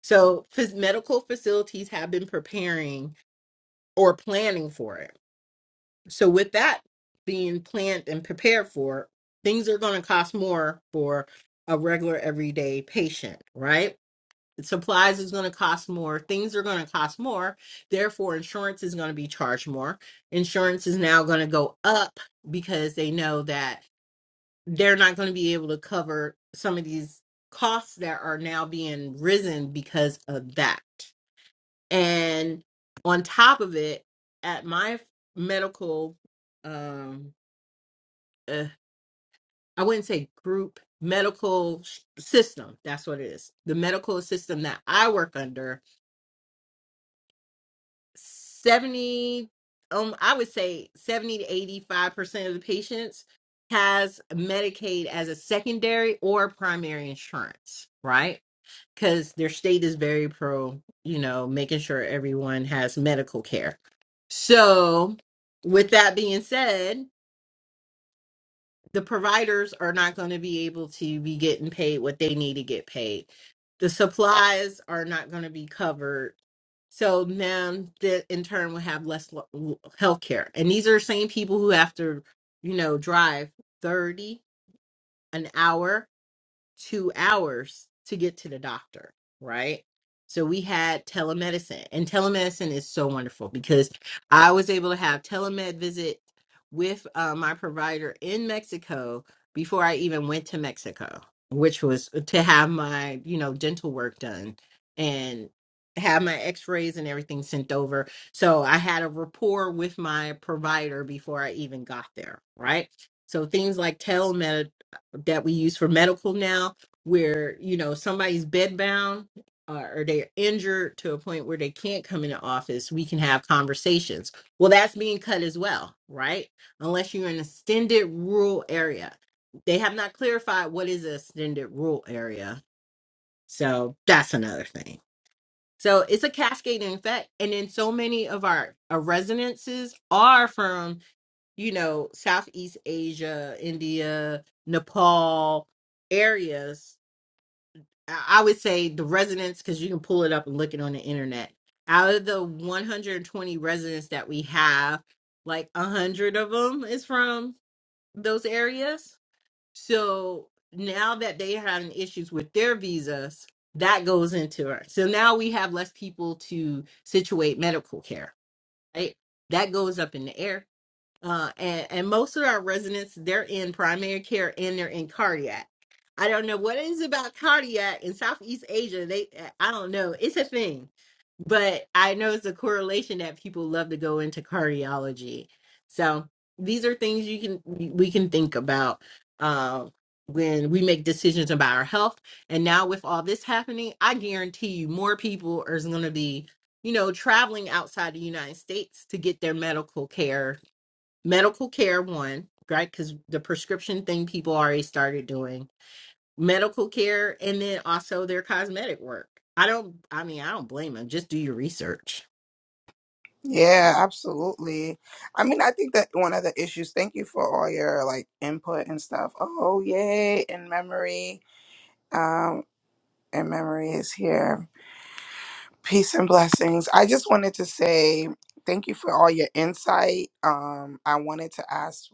So phys- medical facilities have been preparing or planning for it so with that being planned and prepared for, things are going to cost more for a regular everyday patient, right? Supplies is going to cost more. Things are going to cost more. Therefore, insurance is going to be charged more. Insurance is now going to go up because they know that they're not going to be able to cover some of these costs that are now being risen because of that. And on top of it, at my medical um uh, I wouldn't say group medical sh- system. That's what it is. The medical system that I work under, 70, um, I would say 70 to 85% of the patients has Medicaid as a secondary or primary insurance, right? Because their state is very pro, you know, making sure everyone has medical care. So, with that being said, the providers are not going to be able to be getting paid what they need to get paid. The supplies are not going to be covered. So now that in turn will have less health care. And these are the same people who have to, you know, drive 30 an hour two hours to get to the doctor, right? So we had telemedicine, and telemedicine is so wonderful because I was able to have telemed visit with uh, my provider in Mexico before I even went to Mexico, which was to have my you know dental work done and have my X-rays and everything sent over. So I had a rapport with my provider before I even got there, right? So things like telemed that we use for medical now where you know somebody's bedbound uh, or they're injured to a point where they can't come into office we can have conversations well that's being cut as well right unless you're in an extended rural area they have not clarified what is an extended rural area so that's another thing so it's a cascading effect and then so many of our, our residences are from you know, Southeast Asia, India, Nepal areas, I I would say the residents, because you can pull it up and look it on the internet. Out of the 120 residents that we have, like 100 of them is from those areas. So now that they having issues with their visas, that goes into it. So now we have less people to situate medical care, right? That goes up in the air uh, and, and most of our residents they're in primary care and they're in cardiac. I don't know what it is about cardiac in Southeast Asia. They, eh, I don't know, it's a thing, but I know it's a correlation that people love to go into cardiology. So these are things you can we can think about uh, when we make decisions about our health. And now with all this happening, I guarantee you more people are going to be you know traveling outside the United States to get their medical care medical care one right because the prescription thing people already started doing medical care and then also their cosmetic work i don't i mean i don't blame them just do your research Yeah, absolutely. I mean, I think that one of the issues, thank you for all your like input and stuff. Oh, yay. In memory. Um, in memory is here. Peace and blessings. I just wanted to say thank you for all your insight. Um, I wanted to ask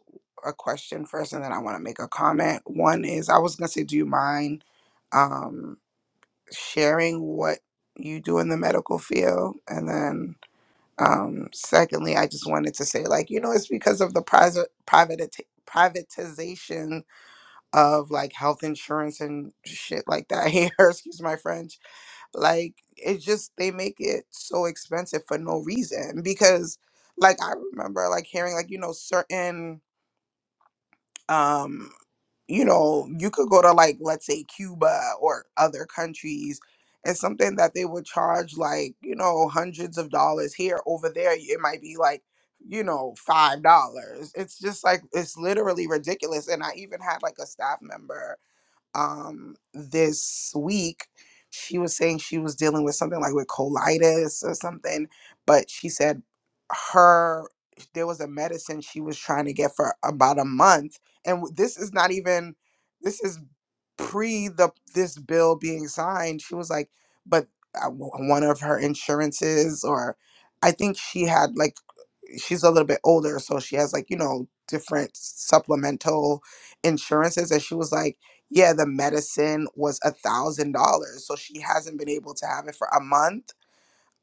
a question first and then I want to make a comment. One is I was gonna say, do you mind? Um. sharing what you do in the medical field and then um, secondly i just wanted to say like you know it's because of the private private privatization of like health insurance and shit like that here excuse my french like it's just they make it so expensive for no reason because like i remember like hearing like you know certain um you know you could go to like let's say cuba or other countries and something that they would charge like you know hundreds of dollars here over there it might be like you know five dollars it's just like it's literally ridiculous and i even had like a staff member um, this week, she was saying she was dealing with something like with colitis or something, but she said her there was a medicine she was trying to get for about a month, and w- this is not even this is pre the this bill being signed. She was like, but uh, w- one of her insurances or I think she had like she's a little bit older, so she has like, you know, different supplemental insurances. And she was like, Yeah, the medicine was a thousand dollars. So she hasn't been able to have it for a month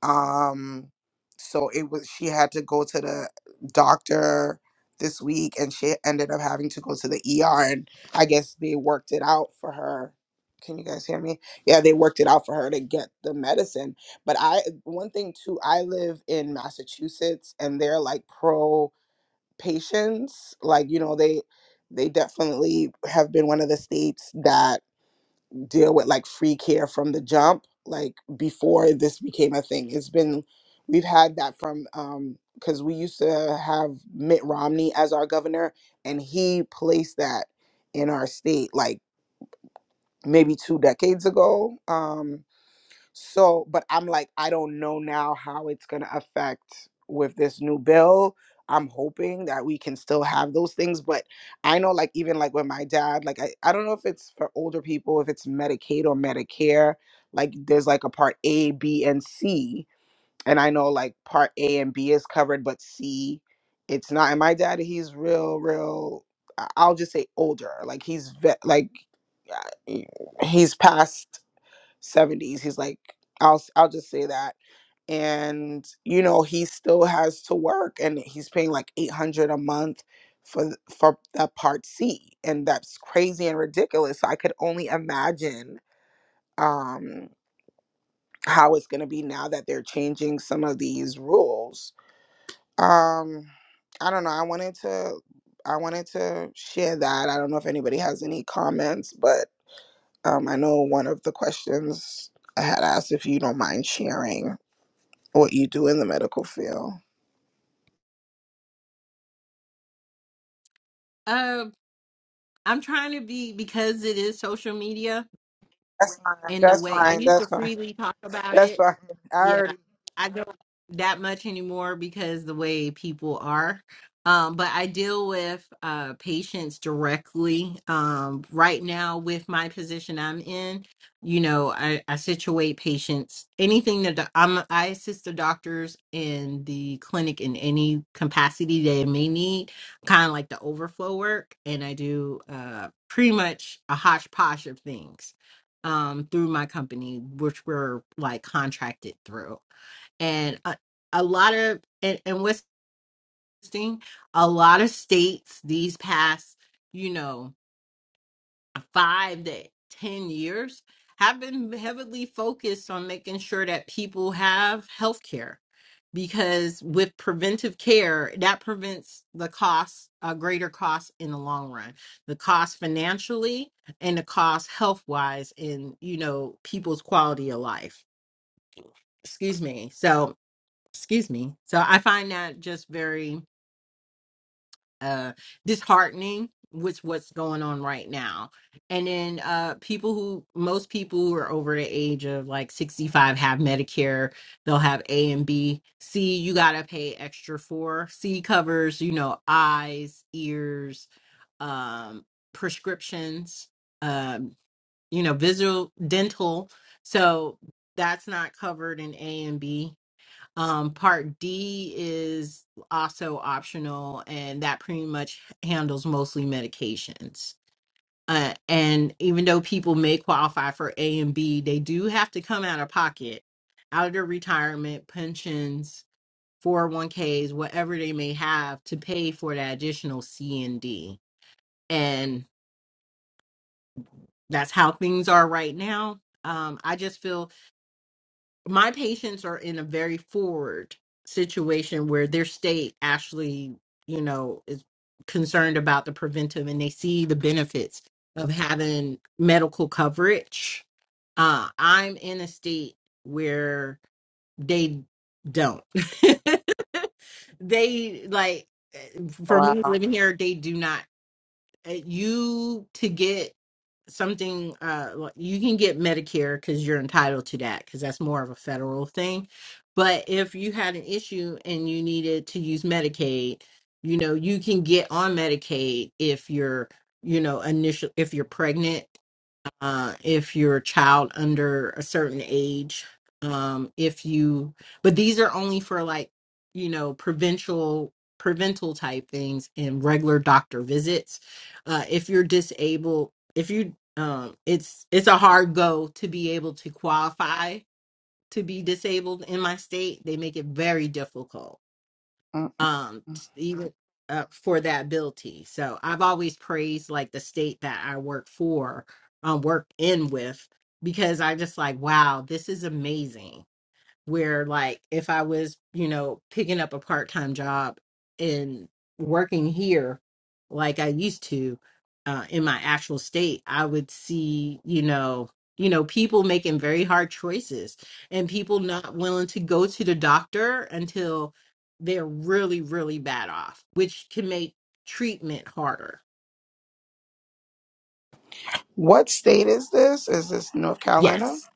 um so it was she had to go to the doctor this week and she ended up having to go to the ER and I guess they worked it out for her can you guys hear me yeah they worked it out for her to get the medicine but I one thing too I live in Massachusetts and they're like pro patients like you know they they definitely have been one of the states that deal with like free care from the jump like before this became a thing it's been we've had that from um because we used to have mitt romney as our governor and he placed that in our state like maybe two decades ago um so, but I'm like, I don't know now how it's going to affect with this new bill. I'm hoping that we can still have those things. But I know, like, even like with my dad, like, I, I don't know if it's for older people, if it's Medicaid or Medicare, like, there's like a part A, B, and C. And I know, like, part A and B is covered, but C, it's not. And my dad, he's real, real, I- I'll just say older. Like, he's, ve- like, uh, he's past 70s. He's like, I'll I'll just say that. And you know, he still has to work, and he's paying like 800 a month for th- for that part C, and that's crazy and ridiculous. So I could only imagine um, how it's gonna be now that they're changing some of these rules. Um, I don't know. I wanted to. I wanted to share that. I don't know if anybody has any comments, but um, I know one of the questions I had asked if you don't mind sharing. what you do in the medical field. um i'm trying to be because it is social media That's fine. in the That's way I fine. used to That's fine. freely talk about That's it. fine. I Yeah, already. I don't that much anymore because the way people are. Um, but I deal with uh, patients directly. Um, right now, with my position I'm in, you know, I, I situate patients. Anything that the, I'm, I assist the doctors in the clinic in any capacity they may need, kind of like the overflow work, and I do uh, pretty much a hodgepodge of things um, through my company, which we're like contracted through. And a, a lot of, and, and what's interesting, a lot of states these past, you know, five to ten years have been heavily focused on making sure that people have health care because with preventive care that prevents the cost a greater cost in the long run the cost financially and the cost health wise in you know people's quality of life excuse me so excuse me so i find that just very uh disheartening with what's going on right now and then uh people who most people who are over the age of like 65 have medicare they'll have a and b c you gotta pay extra for c covers you know eyes ears um prescriptions um you know visual dental so that's not covered in a and b um, part D is also optional, and that pretty much handles mostly medications. Uh, and even though people may qualify for A and B, they do have to come out of pocket, out of their retirement, pensions, 401ks, whatever they may have to pay for that additional C and D. And that's how things are right now. Um, I just feel my patients are in a very forward situation where their state actually, you know, is concerned about the preventive and they see the benefits of having medical coverage. Uh, I'm in a state where they don't. they like eh, for Wow. me living here, they do not uh, you to get something uh like, you can get medicare because you're entitled to that because that's more of a federal thing but if you had an issue and you needed to use medicaid you know you can get on medicaid if you're you know initial if you're pregnant uh, if you're a child under a certain age. Um, if you, but these are only for like, you know, provincial, prevental type things and regular doctor visits. Uh, if you're disabled, if you, um, it's it's a hard go to be able to qualify to be disabled in my state. They make it very difficult um Mm-mm. even uh, for that ability so i've always praised like the state that i work for um work in with because i just like wow this is amazing where like if I was, you know, picking up a part-time job and working here like I used to uh in my actual state, I would see, you know, you know, people making very hard choices and people not willing to go to the doctor until they're really really bad off, which can make treatment harder. What state is this? Is this North Carolina? Yes.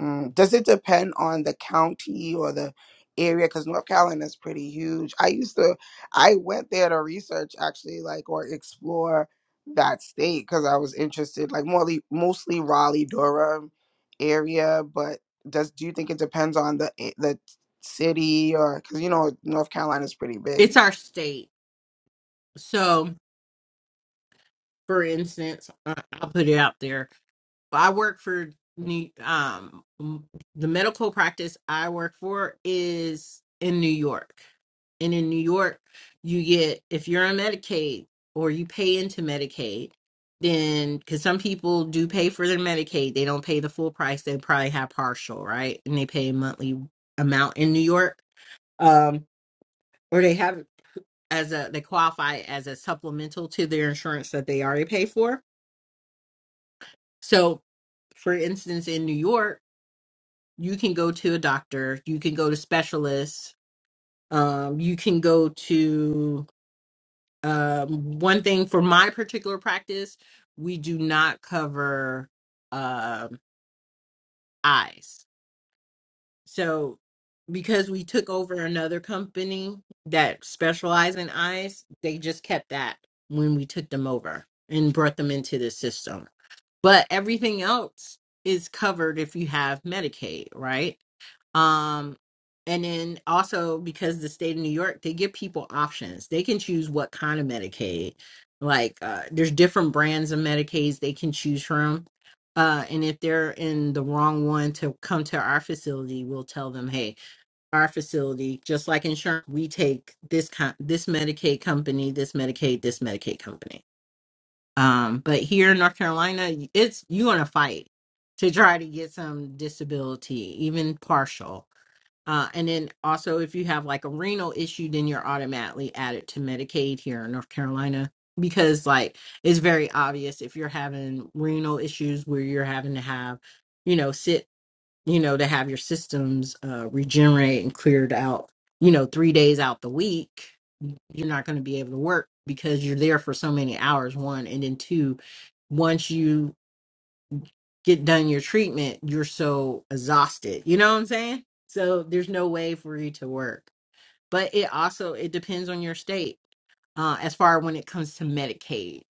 Mm. Does it depend on the county or the area? Because North Carolina is pretty huge. I used to, I went there to research actually, like or explore that state because I was interested, like mostly mostly Raleigh, Durham area. But does do you think it depends on the a- the city or because you know North Carolina is pretty It's big. our state. So, for instance, I- I'll put it out there I work for New um the medical practice I work for is in New York. And in New York, you get if you're on Medicaid or you pay into Medicaid, then cuz some people do pay for their Medicaid, they don't pay the full price, they probably have partial, right? And they pay a monthly amount in New York. Um or they have as a they qualify as a supplemental to their insurance that they already pay for. So, for instance, in New York, you can go to a doctor, you can go to specialists, um, you can go to um, one thing for my particular practice, we do not cover um eyes. So because we took over another company that specializes in eyes, they just kept that when we took them over and brought them into the system. But everything else is covered if you have Medicaid, right? Um, and then also because the state of New York, they give people options. They can choose what kind of Medicaid. Like uh, there's different brands of Medicaids they can choose from. Uh, and if they're in the wrong one to come to our facility, we'll tell them, hey, our facility, just like insurance, we take this kind, this Medicaid company, this Medicaid, this Medicaid company. Um, but here in North Carolina, it's you're gonna fight to try to get some disability, even partial uh, and then also, if you have like a renal issue, then you're automatically added to Medicaid here in North Carolina because, like, it's very obvious if you're having renal issues where you're having to have, you know, sit, you know, to have your systems uh, regenerate and cleared out, you know, three days out the week, you're not going to be able to work because you're there for so many hours, one. And then two, once you get done your treatment, you're so exhausted. You know what I'm saying? So there's no way for you to work but it also it depends on your state uh, as far when it comes to medicaid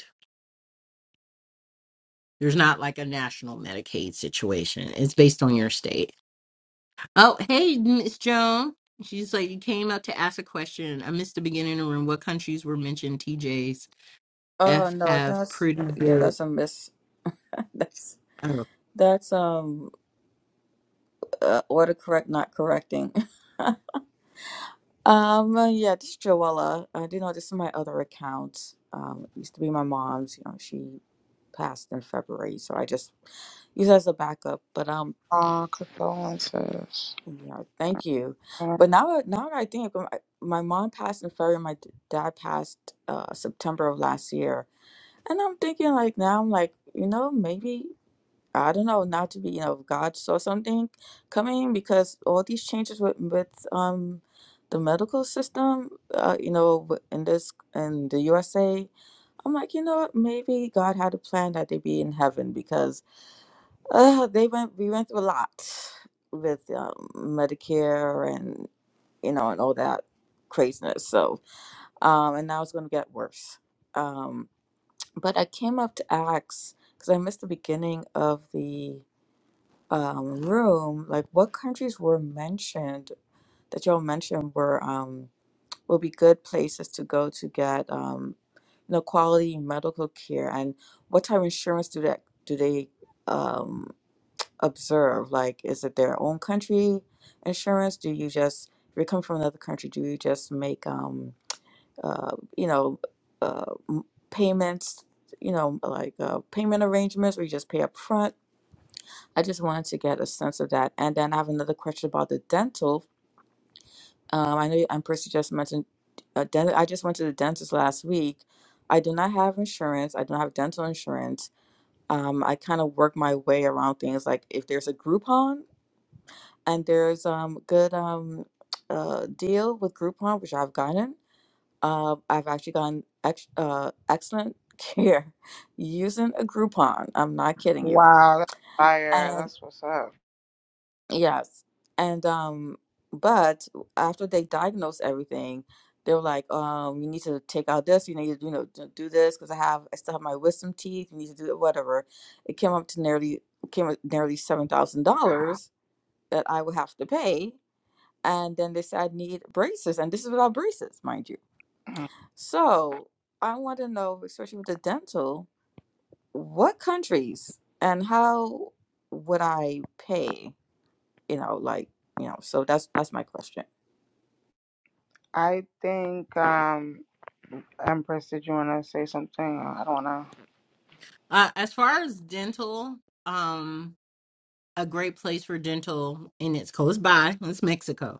there's not like a national medicaid situation it's based on your state oh hey miss joan she's like you came up to ask a question i missed the beginning of the room what countries were mentioned tjs Oh f no, have that's pretty yeah, good that's a miss. That's oh. that's um uh, order correct, not correcting. Um, uh, yeah, this is Joella. I do know this is my other account. Um, it used to be my mom's. You know, she passed in February, so I just use it as a backup. But um, Oh, condolences. yeah, thank you. Mm. But now, now that I think, my, my mom passed in February. My d- dad passed uh September of last year, and I'm thinking like now I'm like you know maybe. I don't know, not to be, you know, if God saw something coming because all these changes with with um the medical system, uh, you know, w- in this in the USA, I'm like, you know, what, maybe God had a plan that they be in heaven because uh, they went we went through a lot with um, Medicare and you know and all that craziness. So um, and now it's gonna get worse. Um, but I came up to ask because I missed the beginning of the um, room, like what countries were mentioned that y'all mentioned were um, will be good places to go to get um, you know quality medical care, and what type of insurance do that do they um, observe? Like, is it their own country insurance? Do you just if you come from another country, do you just make um, uh, you know uh, m- payments? You know, like uh, payment arrangements, or you just pay up front? I just wanted to get a sense of that. And then I have another question about the dental. Um, I know you- and Percy just mentioned uh, dental. I just went to the dentist last week. I do not have insurance. I don't have dental insurance. Um, I kind of work my way around things like if there's a Groupon and there's um good um uh deal with Groupon, which I've gotten. Uh, I've actually gotten ex- uh, excellent care using a Groupon. I'm not kidding you. Wow, that's Fire. And. That's what's up. Yes. And um but after they diagnosed everything, they were like, um, you need to take out this, you need to, you know, d- do this because I have I still have my wisdom teeth, you need to do it, whatever. It came up to nearly came up nearly seven thousand dollars that I would have to pay. And then they said I need braces, and this is without braces, mind you. So I want to know, especially with the dental, what countries and how would I pay? you know like you know so that's that's my question I think. um Empress, did you want to say something? I don't know. uh, as far as dental um a great place for dental and it's close by is mexico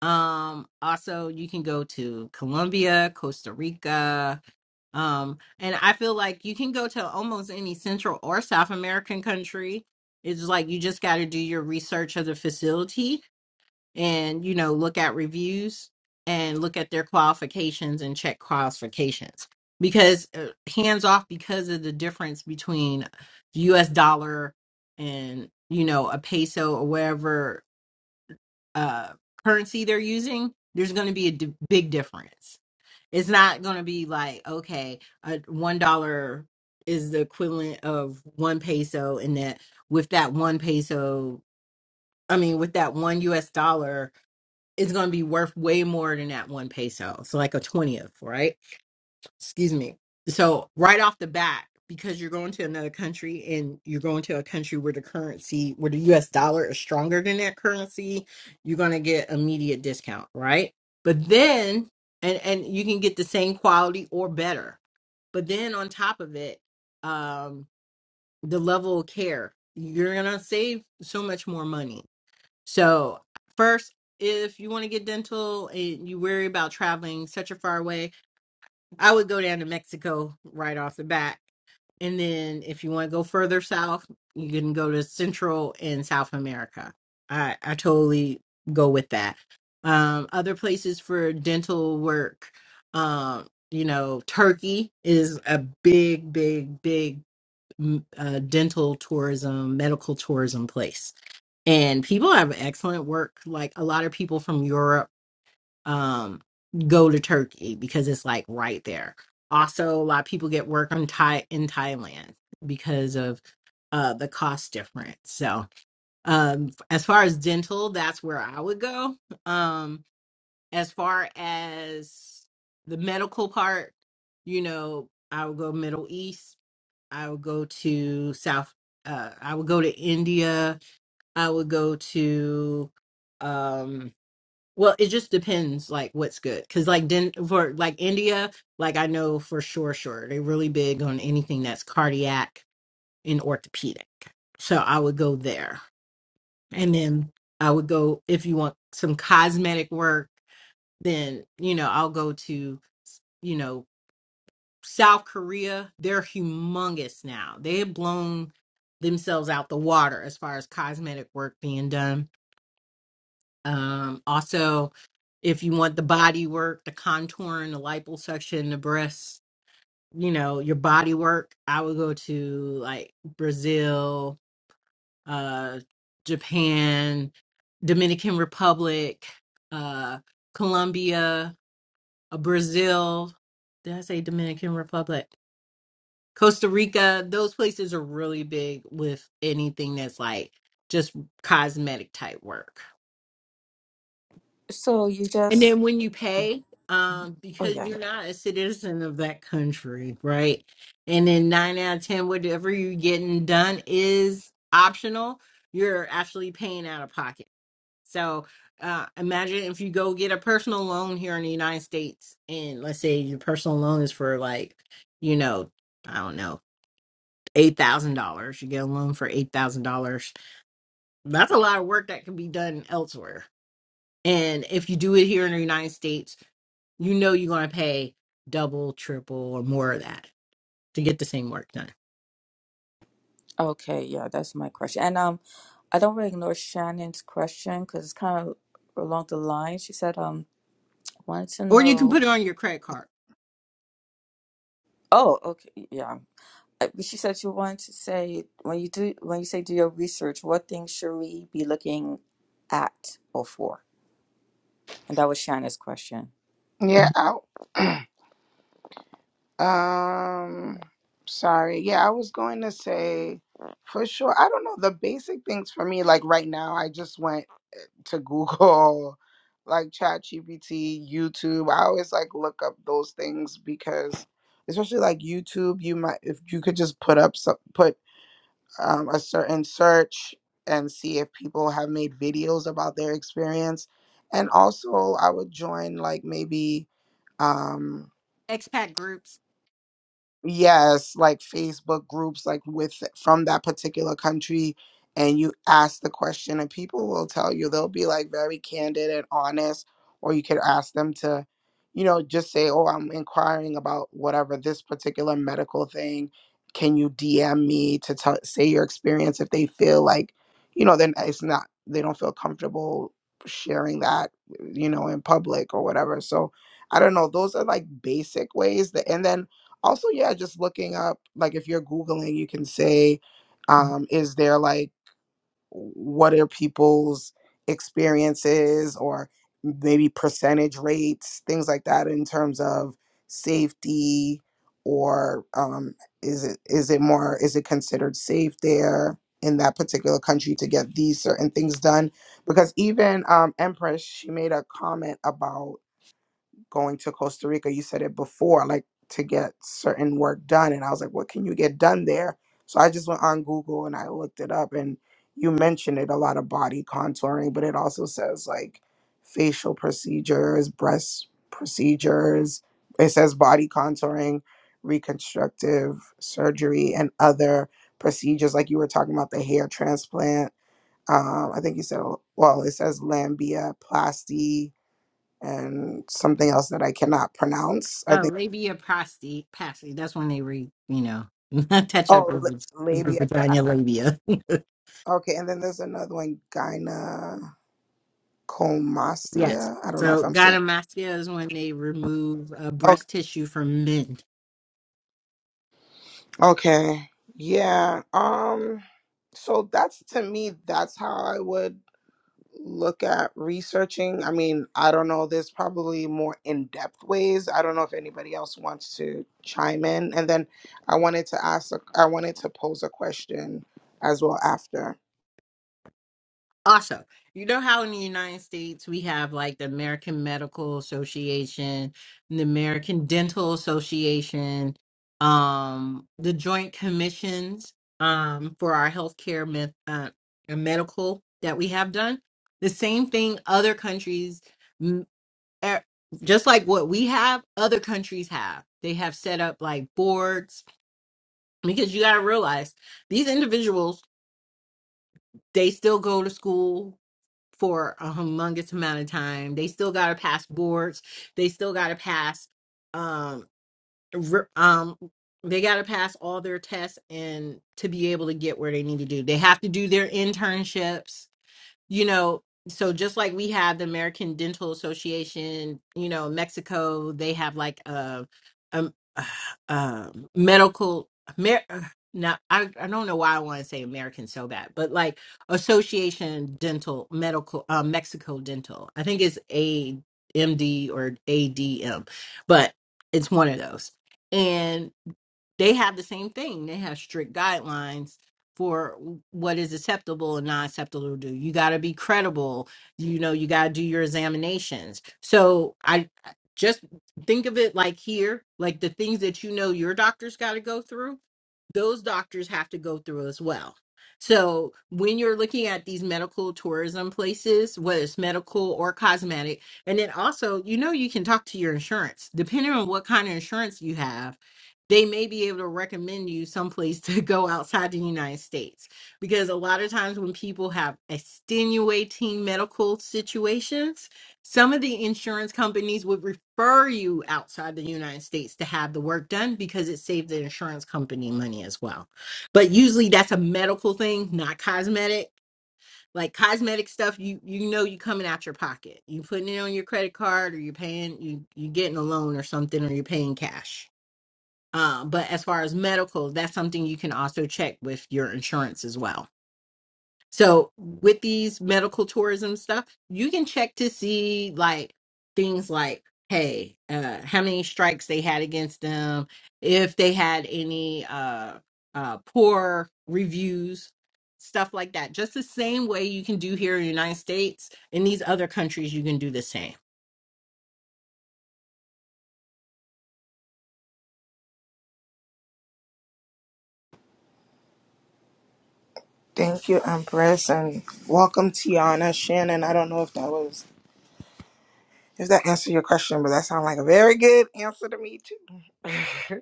um also you can go to colombia costa rica Um, and I feel like you can go to almost any Central or South American country. It's like you just got to do your research of the facility and, you know, look at reviews and look at their qualifications and check qualifications because uh, hands off because of the difference between US dollar and, you know, a peso or whatever uh, currency they're using, there's going to be a d- big difference it's not going to be like, okay, uh, $1 is the equivalent of one peso, and that with that one peso, I mean, with that one US dollar, it's going to be worth way more than that one peso. So, like a 20th, right? excuse me. So right off the bat, because you're going to another country and you're going to a country where the currency, where the US dollar is stronger than that currency, you're going to get immediate discount, right? But then and and you can get the same quality or better. But then on top of it, um the level of care, you're going to save so much more money. So first if you want to get dental and you worry about traveling such a far way, I would go down to Mexico right off the bat. And then if you want to go further south, you can go to Central and South America. I, I totally go with that. Um, other places for dental work, um, you know, Turkey is a big, big, big mm, uh, dental tourism, medical tourism place. And people have excellent work. Like a lot of people from Europe um go to Turkey because it's like right there. Also, a lot of people get work on Thai in Thailand because of uh the cost difference. So, um f- as far as dental, that's where I would go. Um as far as the medical part, you know, I would go Middle East. I would go to South uh I would go to India. I would go to um well, it just depends, like what's good. Cause like then for like India, like I know for sure, sure they're really big on anything that's cardiac and orthopedic. So I would go there, and then I would go if you want some cosmetic work. Then you know I'll go to you know South Korea. They're humongous now. They have blown themselves out the water as far as cosmetic work being done Um, also, if you want the body work, the contouring, the liposuction, the breasts, you know, your body work, I would go to like Brazil, uh, Japan, Dominican Republic, uh, Colombia, uh, Brazil. Did I say Dominican Republic? Costa Rica. Those places are really big with anything that's like just cosmetic type work. so you And then just when you pay, Mm, um, oh because yeah you're not a citizen of that country, right? And then nine out of ten, whatever you're getting done is optional. You're actually paying out of pocket. So uh, imagine if you go get a personal loan here in the United States, and let's say your personal loan is for like, you know, I don't know, eight thousand dollars. You get a loan for eight thousand dollars. That's a lot of work that can be done elsewhere and if you do it here in the United States, you know you're going to pay double, triple, or more of that to get the same work done. okay yeah that's my question and um i don't really ignore shannon's question because it's kind of along the line she said um wanted to Or you can know put it on your credit card. oh okay yeah Uh, she said she wanted to say when you do when you say do your research what things should we be looking at or for and that was shannon's question Yeah. I, um. Sorry. Yeah, I was going to say for sure. I don't know the basic things for me. Like right now, I just went to Google, like ChatGPT, YouTube. I always like look up those things because, especially like YouTube, you might if you could just put up some put um, a certain search and see if people have made videos about their experience. And also, I would join like maybe um, Expat groups, yes like facebook groups like with from that particular country and you ask the question and people will tell you they'll be like very candid and honest or you could ask them to you know just say oh i'm inquiring about whatever this particular medical thing can you dm me to tell say your experience if they feel like you know then it's not they don't feel comfortable sharing that you know in public or whatever so i don't know those are like basic ways that and then also yeah just looking up like if you're googling you can say um is there like what are people's experiences or maybe percentage rates things like that in terms of safety or um is it is it more is it considered safe there in that particular country to get these certain things done because even um empress she made a comment about going to Costa Rica. You said it before, like to get certain work done. And I was like, what can you get done there? So I just went on Google and I looked it up. And you mentioned it a lot of body contouring, but it also says like facial procedures, breast procedures. It says body contouring, reconstructive surgery, and other procedures. Like you were talking about the hair transplant. Um, I think you said, well, it says lambia, plasty, and something else that I cannot pronounce. I uh, think labia pasty. That's when they re, you know, touch up oh your vag- la- your labia. vagina labia. Okay, and then there's another one, gynecomastia. yes. I don't know if So I'm saying. gynecomastia is when they remove uh, Oh, breast tissue from men. okay, yeah. Um, so that's to me. That's how I would look at researching. I mean, I don't know. There's probably more in depth ways. I don't know if anybody else wants to chime in. And then I wanted to ask. a- I wanted to pose a question as well after. Also, you know how in the United States we have like the American Medical Association, the American Dental Association, um, the Joint Commissions um, for our healthcare med- uh, uh, medical that we have done. The same thing other countries, mm, er, just like what we have, other countries have. They have set up like boards because you got to realize these individuals, they still go to school, for a humongous amount of time. They still got to pass boards. They still got to pass um re- um they got to pass all their tests and to be able to get where they need to do. They have to do their internships you know so just like we have the american dental association you know mexico they have like a, um uh, medical Amer- uh, now I, I don't know why i want to say american so bad but like association dental medical uh, mexico dental i think it's amd or adm but it's one of those they have the same thing. They have strict guidelines for what is acceptable and not acceptable to do. You got to be credible. You know, you got to do your examinations. So I just think of it like here, like the things that you know your doctor's got to go through, those doctors have to go through as well. So when you're looking at these medical tourism places, whether it's medical or cosmetic, and then also, you know, you can talk to your insurance, depending on what kind of insurance you have they may be able to recommend you someplace to go outside the United States. Because a lot of times when people have extenuating medical situations, some of the insurance companies would refer you outside the United States to have the work done because it saves the insurance company money as well. But usually that's a medical thing, not cosmetic. Like cosmetic stuff, you you know you coming out your pocket. You putting it on your credit card or you're paying you you getting a loan or something or you're paying cash uh, but as far as medical, that's something you can also check with your insurance as well. So with these medical tourism stuff, you can check to see like things like, hey, uh, how many strikes they had against them, if they had any uh, uh, poor reviews, stuff like that. Just the same way you can do here in the United States. In these other countries, you can do the same. Thank you, Empress, and welcome, Tiana Shannon. I don't know if that was if that answered your question, but that sounded like a very good answer to me too.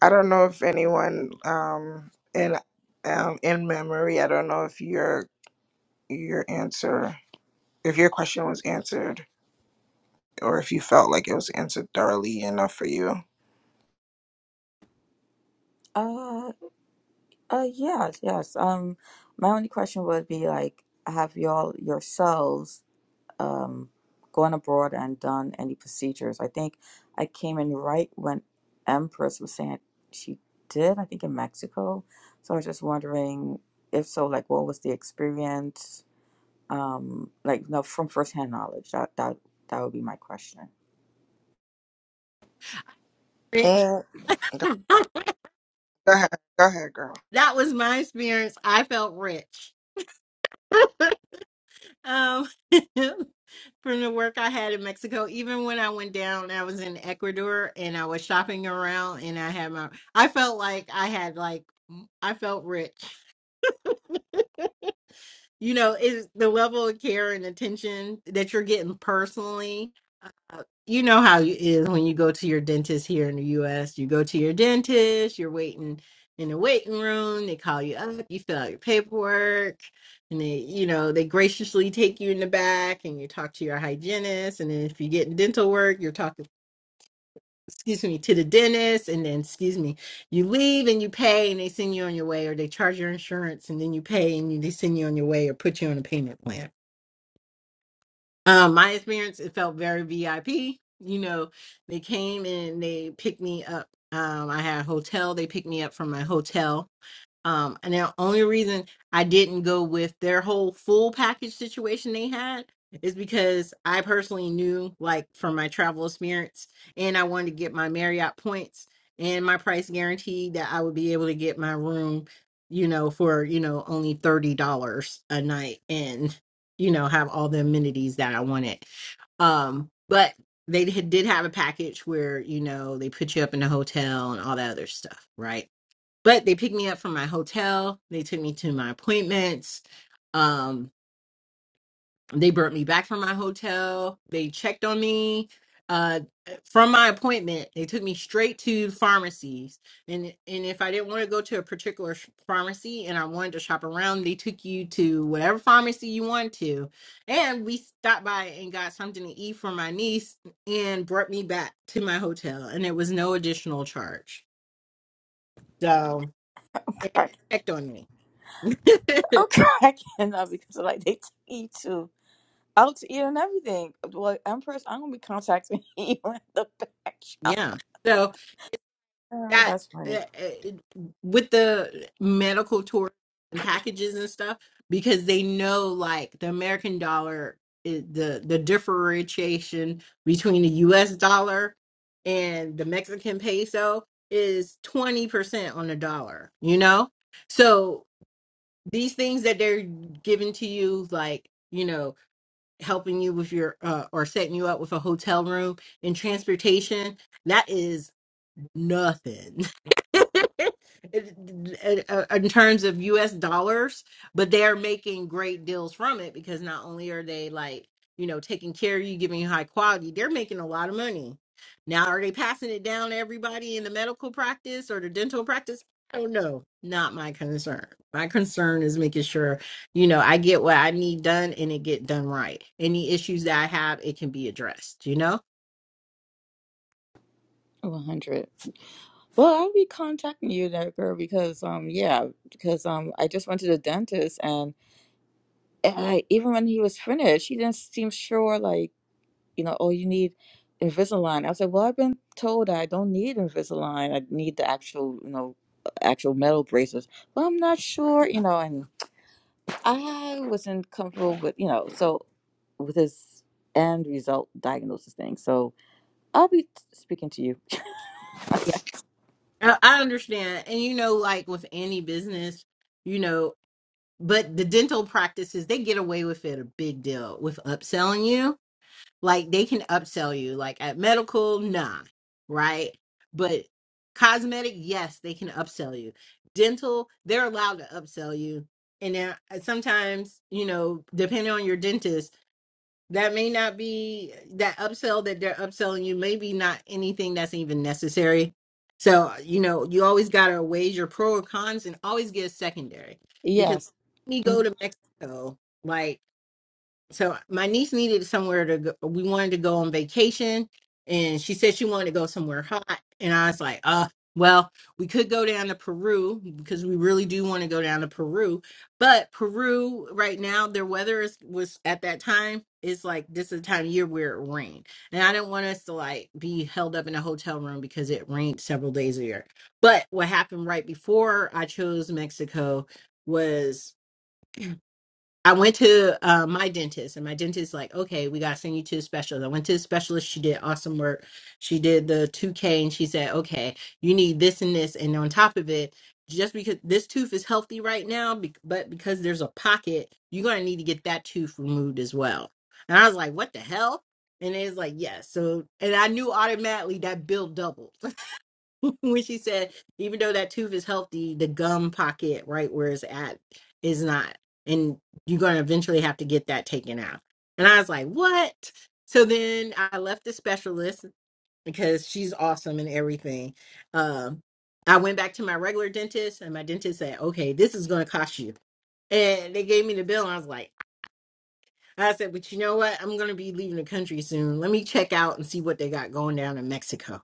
I don't know if anyone um in um in memory, I don't know if your your answer if your question was answered or if you felt like it was answered thoroughly enough for you. Uh. Uh, yes, yes. Um, my only question would be like, have y'all yourselves um gone abroad and done any procedures? I think I came in right when Empress was saying she did, I think in Mexico. So I was just wondering if so, like, what was the experience? Um, like, no, from firsthand knowledge. That that that would be my question. Rich. Mm, that Go ahead. Go ahead, girl. was my experience. I felt rich. um, from the work I had in Mexico. Even when I went down, I was in Ecuador and I was shopping around, and I had my. I felt like I had like m- I felt rich you know, is the level of care and attention that you're getting personally. Uh, you know how it is when you go to your dentist here in the U.S. You go to your dentist, you're waiting in the waiting room. They call you up, you fill out your paperwork, and they, you know, they graciously take you in the back and you talk to your hygienist. And then if you get dental work, you're talking excuse me, to the dentist, and then excuse me, you leave and you pay, and they send you on your way, or they charge your insurance, and then you pay, and you, they send you on your way, or put you on a payment plan. Um, my experience, it felt very VIP. You know, they came and they picked me up. Um, I had a hotel. They picked me up from my hotel um, and the only reason I didn't go with their whole full package situation they had is because I personally knew, like, from my travel experience, and I wanted to get my Marriott points and my price guarantee that I would be able to get my room, you know, for, you know, only $30 a night and, you know, have all the amenities that I wanted. Um, but they did did have a package where, you know, they put you up in a hotel and all that other stuff, right? but they picked me up from my hotel. They took me to my appointments. Um, they brought me back from my hotel. They checked on me. Uh, from my appointment, they took me straight to pharmacies. And and if I didn't want to go to a particular sh- pharmacy and I wanted to shop around, they took you to whatever pharmacy you wanted to. And we stopped by and got something to eat for my niece and brought me back to my hotel. And it was no additional charge. So, and they checked on me. Okay. I cannot because like they eat too. out to eat and everything. Well, Empress, I'm gonna be contacting you in the back shop. yeah. So Oh, that that's uh, funny. uh, with the medical tour and packages and stuff, because they know like the American dollar, is the the differentiation between the U.S. dollar and the Mexican peso is twenty percent on the dollar. You know, so these things that they're giving to you, like you know, helping you with your uh, or setting you up with a hotel room and transportation, that is nothing it- uh, in terms of US dollars, but they're making great deals from it because not only are they like, you know, taking care of you, giving you high quality, they're making a lot of money. Now, are they passing it down to everybody in the medical practice or the dental practice? I don't know. Not my concern. My concern is making sure, you know, I get what I need done and it get done right. Any issues that I have, it can be addressed, you know? One hundred. Well, I'll be contacting you there, girl, because um, yeah, because um, I just went to the dentist, and I, even when he was finished, he didn't seem sure. Like, you know, oh, you need Invisalign. I was like, well, I've been told I don't need Invisalign. I need the actual, you know, actual metal braces. Well, I'm not sure, you know, and I wasn't comfortable with, you know, so with this end result diagnosis thing. So I'll be t- speaking to you. I I understand. And you know, like with any business, you know, but the dental practices, they get away with it a big deal with upselling you. Like they can upsell you. Like at medical, nah, right? But cosmetic, yes, they can upsell you. Dental, they're allowed to upsell you. And then uh, sometimes, you know, depending on your dentist, that may not be that upsell that they're upselling you maybe not anything that's even necessary so you know you always got to weigh your pro or cons and always get a secondary because Yes. when you go Mm. to mexico like so my niece needed somewhere to go. We wanted to go on vacation, and she said she wanted to go somewhere hot. And I was like, uh, well, we could go down to Peru because we really do want to go down to Peru. But Peru right now, their weather is was at that time is like this is the time of year where it rained, and I didn't want us to like be held up in a hotel room because it rained several days a year. But what happened right before I chose Mexico was. I went to uh, my dentist, and my dentist like, okay, we gotta send you to a specialist. I went to a specialist. She did awesome work. She did the two K, and she said, okay, you need this and this, and on top of it, just because this tooth is healthy right now, be- but because there's a pocket, you're gonna need to get that tooth removed as well. And I was like, what the hell? And it's like, yes. so, and I knew automatically that bill doubled when she said, even though that tooth is healthy, the gum pocket right where it's at is not. And you're going to eventually have to get that taken out. And I was like, what? So then I left the specialist because she's awesome and everything. Um, I went back to my regular dentist, and my dentist said, okay, this is going to cost you. And they gave me the bill, and I was like, I said, but you know what? I'm going to be leaving the country soon. Let me check out and see what they got going down in Mexico.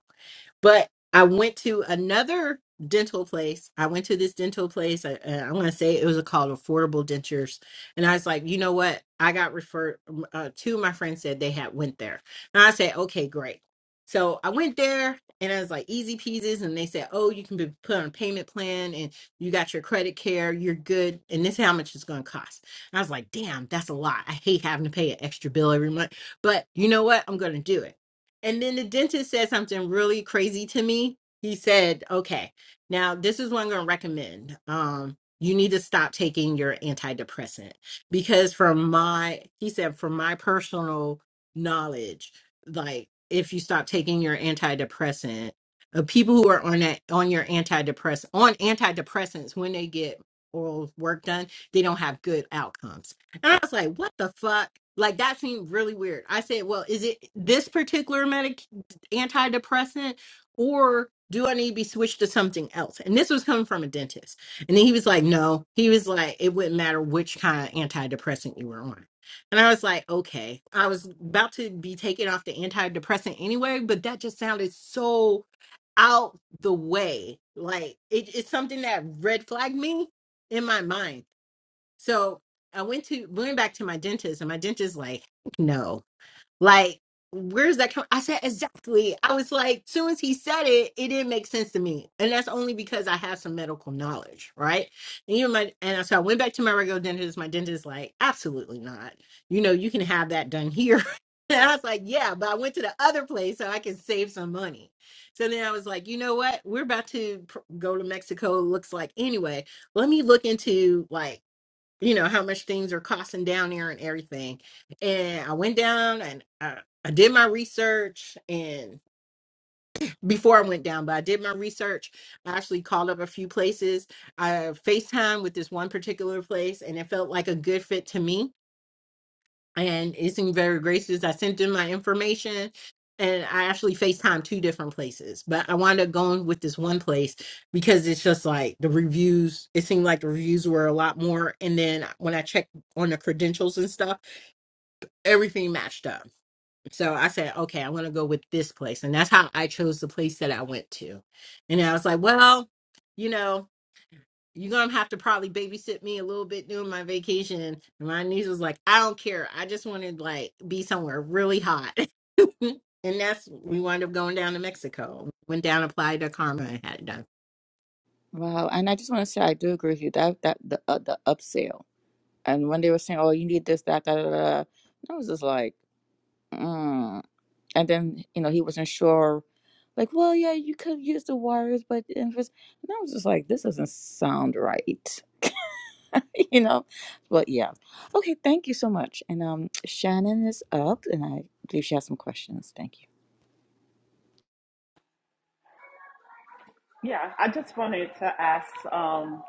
But I went to another dental place. I went to this dental place. I, I'm going to say it was called Affordable Dentures. And I was like, you know what? I got referred. um, Uh, two of my friends said they had went there. And I said, okay, great. So I went there and I was like, easy peasies. And they said, oh, you can be put on a payment plan and you got your credit care. You're good. And this is how much it's going to cost. And I was like, damn, that's a lot. I hate having to pay an extra bill every month. But you know what? I'm going to do it. And then the dentist said something really crazy to me. He said, okay, now this is what I'm going to recommend. Um, you need to stop taking your antidepressant because from my, he said, from my personal knowledge, like if you stop taking your antidepressant, uh, people who are on that on your antidepress on antidepressants when they get oral work done they don't have good outcomes. And I was like, what the fuck? Like that seemed really weird. I said, well, is it this particular medic antidepressant or do I need to be switched to something else? And this was coming from a dentist. And then he was like, no. He was like, it wouldn't matter which kind of antidepressant you were on. And I was like, okay. I was about to be taken off the antidepressant anyway, but that just sounded so out the way. Like it, it's something that red flagged me in my mind. So I went to went back to my dentist, and my dentist like, no, like where's that come? I said exactly. I was like, soon as he said it, it didn't make sense to me, and that's only because I have some medical knowledge, right? And you know, my and so I went back to my regular dentist. My dentist like, absolutely not. You know, you can have that done here. And I was like, yeah, but I went to the other place so I could save some money. So then I was like, you know what? We're about to pr- go to Mexico. Looks like anyway. Let me look into like you know how much things are costing down there and everything and i went down and I, I did my research and before i went down but i did my research i actually called up a few places i facetime with this one particular place and it felt like a good fit to me and it seemed very gracious. I sent them my information and I actually Facetimed two different places, but I wound up going with this one place because it's just like the reviews, it seemed like the reviews were a lot more. And then when I checked on the credentials and stuff, everything matched up. So I said, okay, I'm going to go with this place. And that's how I chose the place that I went to. And I was like, well, you know you're gonna have to probably babysit me a little bit during my vacation. And my niece was like, I don't care. I just want to like be somewhere really hot. and that's we wound up going down to Mexico. Went down, applied to Karma, and had it done. Wow. And I just want to say I do agree with you. That that the uh, the upsell. And when they were saying, "Oh, you need this, that, that, that," I was just like, mm. and then you know he wasn't sure. Like, well, yeah, you could use the wires, but and I was just like, this doesn't sound right. you know but yeah okay thank you so much and um shannon is up and i believe she has some questions thank you Yeah, I just wanted to ask, um,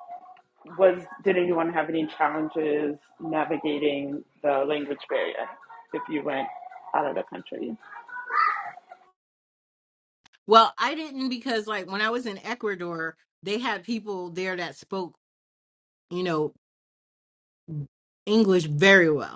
was did anyone have any challenges navigating the language barrier if you went out of the country? Well, I didn't because like when I was in Ecuador, they had people there that spoke, you know, English very well.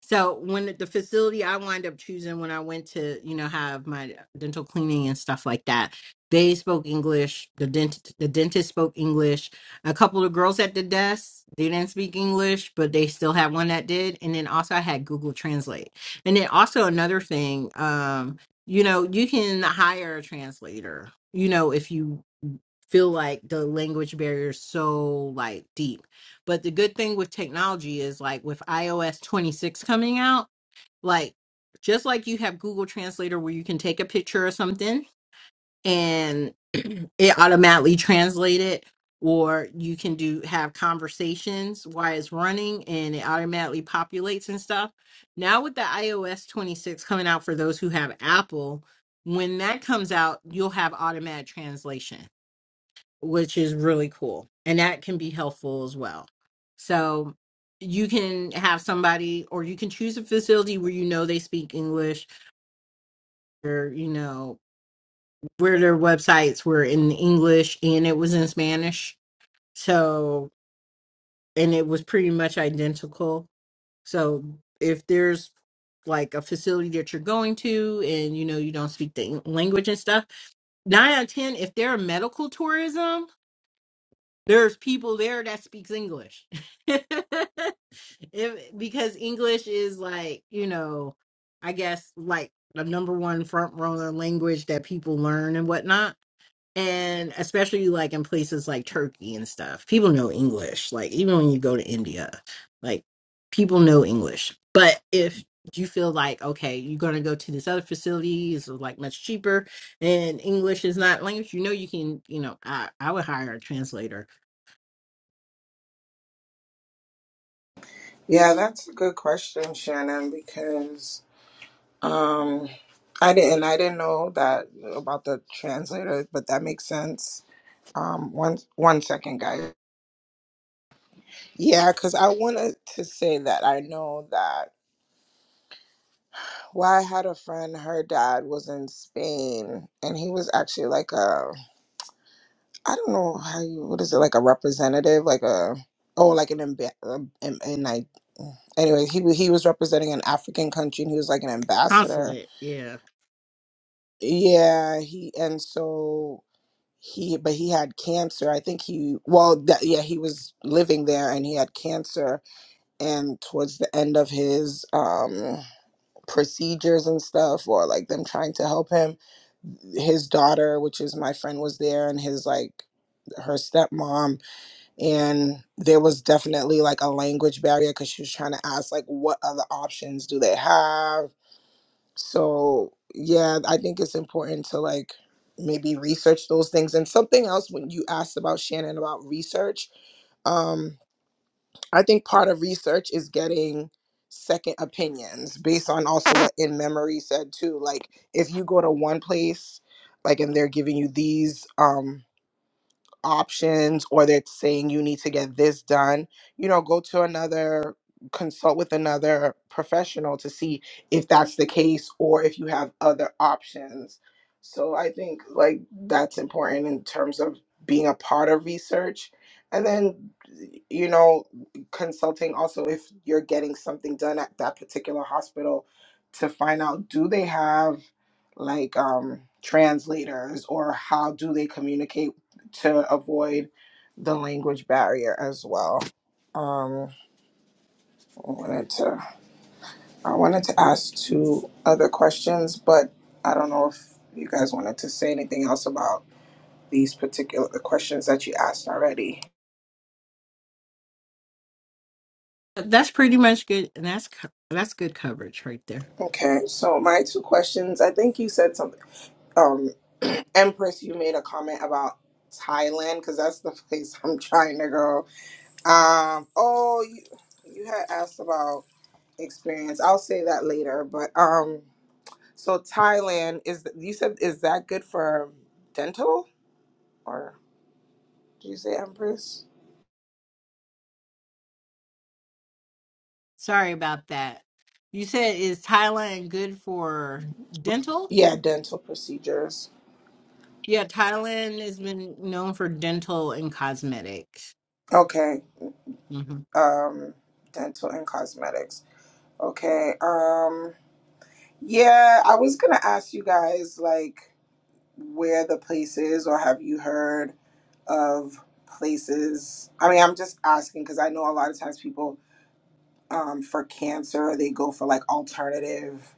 So when the facility I wind up choosing when I went to, you know, have my dental cleaning and stuff like that, they spoke English. The dent the dentist spoke English. A couple of girls at the desk, they didn't speak English, but they still had one that did. And then also I had Google Translate. And then also another thing, um, you know, you can hire a translator, you know, if you feel like the language barrier is so like deep. But the good thing with technology is like with iOS 26 coming out, like just like you have Google Translator where you can take a picture or something and it automatically translate it or you can do have conversations while it's running and it automatically populates and stuff. Now with the iOS 26 coming out for those who have Apple, when that comes out, you'll have automatic translation which is really cool. And that can be helpful as well. So you can have somebody or you can choose a facility where you know they speak English or you know where their websites were in English and it was in Spanish. So and it was pretty much identical. So if there's like a facility that you're going to and you know you don't speak the Eng- language and stuff, 9 out of 10 if they're a medical tourism there's people there that speaks English. If- because English is like, you know, I guess like the number one front runner language that people learn and whatnot. And especially like in places like Turkey and stuff, people know English. Like even when you go to India, like people know English. But if you feel like, okay, you're gonna go to this other facility, it's like much cheaper and English is not language, you know you can, you know, I, I would hire a translator Yeah, that's a good question, Shannon, because um I didn't I didn't know that about the translator, but that makes sense. Um one one second, guys. Yeah, cuz I wanted to say that I know that well, I had a friend, her dad was in Spain and he was actually like a I don't know how you what is it like a representative like a oh like an amb- um, and, and like anyway he wa- he was representing an African country and he was like an ambassador. Consulate, yeah. Yeah, he and so he but he had cancer. I think he well that, yeah he was living there and he had cancer and towards the end of his um procedures and stuff or like them trying to help him his daughter which is my friend was there and his like her stepmom and there was definitely like a language barrier because she was trying to ask like what other options do they have so yeah i think it's important to like maybe research those things and something else when you asked about shannon about research um i think part of research is getting second opinions based on also what in memory said too like if you go to one place like and they're giving you these um options or they're saying you need to get this done, you know, go to another consult with another professional to see if that's the case or if you have other options. So I think like that's important in terms of being a part of research and then you know consulting also if you're getting something done at that particular hospital to find out do they have like um translators or how do they communicate to avoid the language barrier as well. Um, I wanted to I wanted to ask two other questions, but I don't know if you guys wanted to say anything else about these particular the questions that you asked already. That's pretty much good, and that's co- that's good coverage right there. Okay, so my two questions. I think you said something. Um, Empress, you made a comment about Thailand because that's the place I'm trying to go. Um. Oh, you you had asked about experience. I'll say that later. But um, So Thailand is you said is that good for dental or did you say Empress? Sorry about that. You said is Thailand good for dental? Yeah, dental procedures. Yeah, Thailand has been known for dental and cosmetics. Okay. hmm Um dental and cosmetics. Okay. Um yeah, I was going to ask you guys like where the place is or have you heard of places? I mean, I'm just asking cuz I know a lot of times people um for cancer, they go for like alternative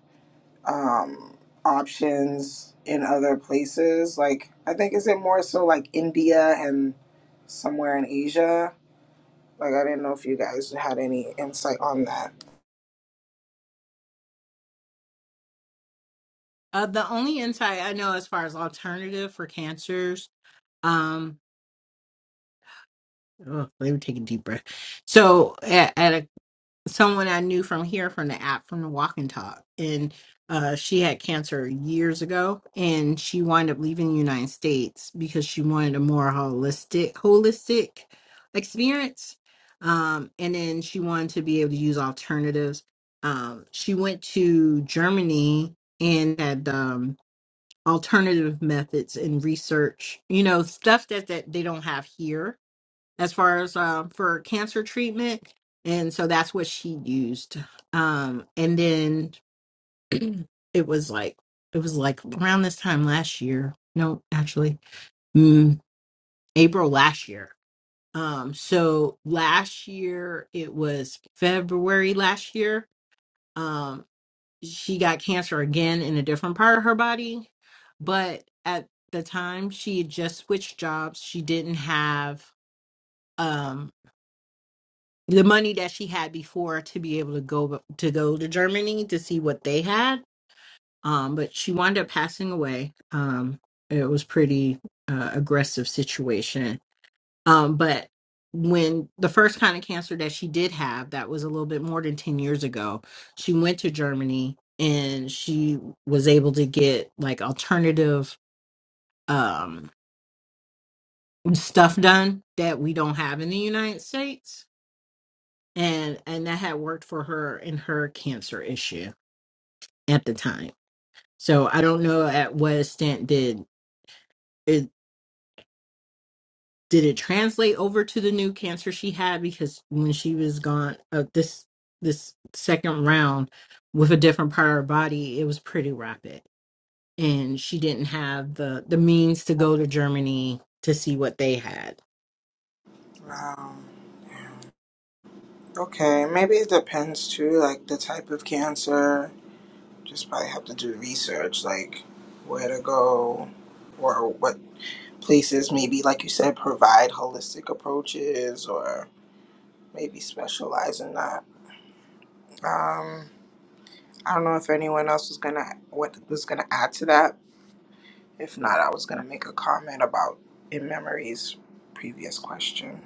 um, options in other places. Like, I think is it more so like India and somewhere in Asia? Like, I didn't know if you guys had any insight on that. Uh, the only insight I know as far as alternative for cancers, um, oh, let me take a deep breath. So, at, at a someone I knew from here from the app from the Walk and Talk, and uh, she had cancer years ago, and she wound up leaving the United States because she wanted a more holistic, holistic experience, um, and then she wanted to be able to use alternatives. Um, she went to Germany and had um, alternative methods and research, you know, stuff that that they don't have here as far as um, for cancer treatment. And so that's what she used. Um, and then it was like, it was like around this time last year. No, actually, mm, April last year. Um, so last year, it was February last year. Um, she got cancer again in a different part of her body. But at the time, she had just switched jobs. She didn't have um, the money that she had before to be able to go to go to Germany to see what they had. Um, but she wound up passing away. Um, it was pretty uh, aggressive situation. Um, but when the first kind of cancer that she did have, that was a little bit more than ten years ago, she went to Germany and she was able to get like alternative um, stuff done that we don't have in the United States and and that had worked for her in her cancer issue at the time. So I don't know at what extent did it did it translate over to the new cancer she had because when she was gone uh, this this second round with a different part of her body, it was pretty rapid, and she didn't have the the means to go to Germany to see what they had. So. Wow. Okay, maybe it depends too, like the type of cancer. Just probably have to do research, like where to go or what places maybe, like you said, provide holistic approaches or maybe specialize in that. Um, I don't know if anyone else was gonna what was gonna add to that. If not, I was gonna make a comment about in memory's previous question.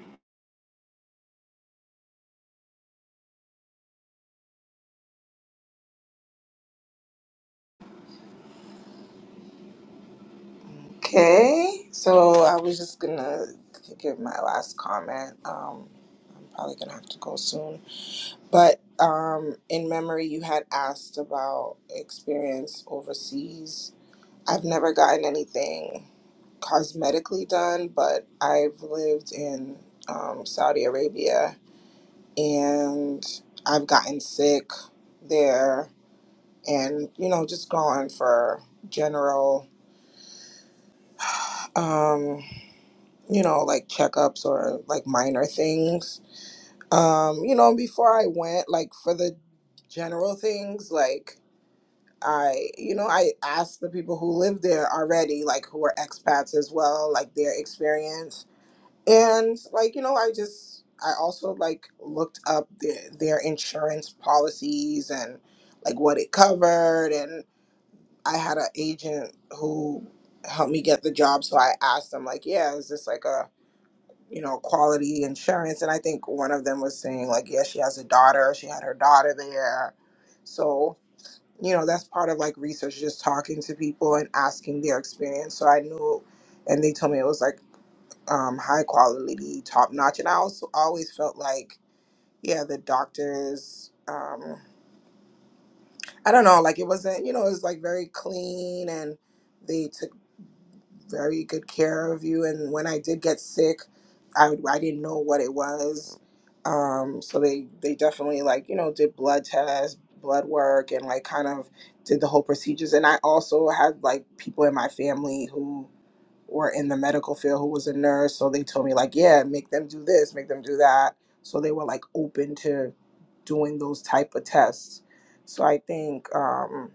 Okay, so I was just gonna give my last comment. Um, I'm probably gonna have to go soon, but um, in memory, you had asked about experience overseas. I've never gotten anything cosmetically done, but I've lived in um, Saudi Arabia and I've gotten sick there and you know just going for general um you know like checkups or like minor things um you know before I went like for the general things like I you know I asked the people who live there already like who are expats as well like their experience and like you know i just i also like looked up their, their insurance policies and like what it covered and i had an agent who helped me get the job so i asked them like yeah is this like a you know quality insurance and i think one of them was saying like yeah she has a daughter she had her daughter there so you know that's part of like research just talking to people and asking their experience so i knew and they told me it was like um, high quality, top notch. And I also always felt like, yeah, the doctors, um, I don't know, like it wasn't, you know, it was like very clean and they took very good care of you. And when I did get sick, I, I didn't know what it was. Um, so they, they definitely like, you know, did blood tests, blood work, and like kind of did the whole procedures. And I also had like people in my family who were in the medical field who was a nurse. So they told me like, yeah, make them do this, make them do that. So they were like open to doing those type of tests. So I think um,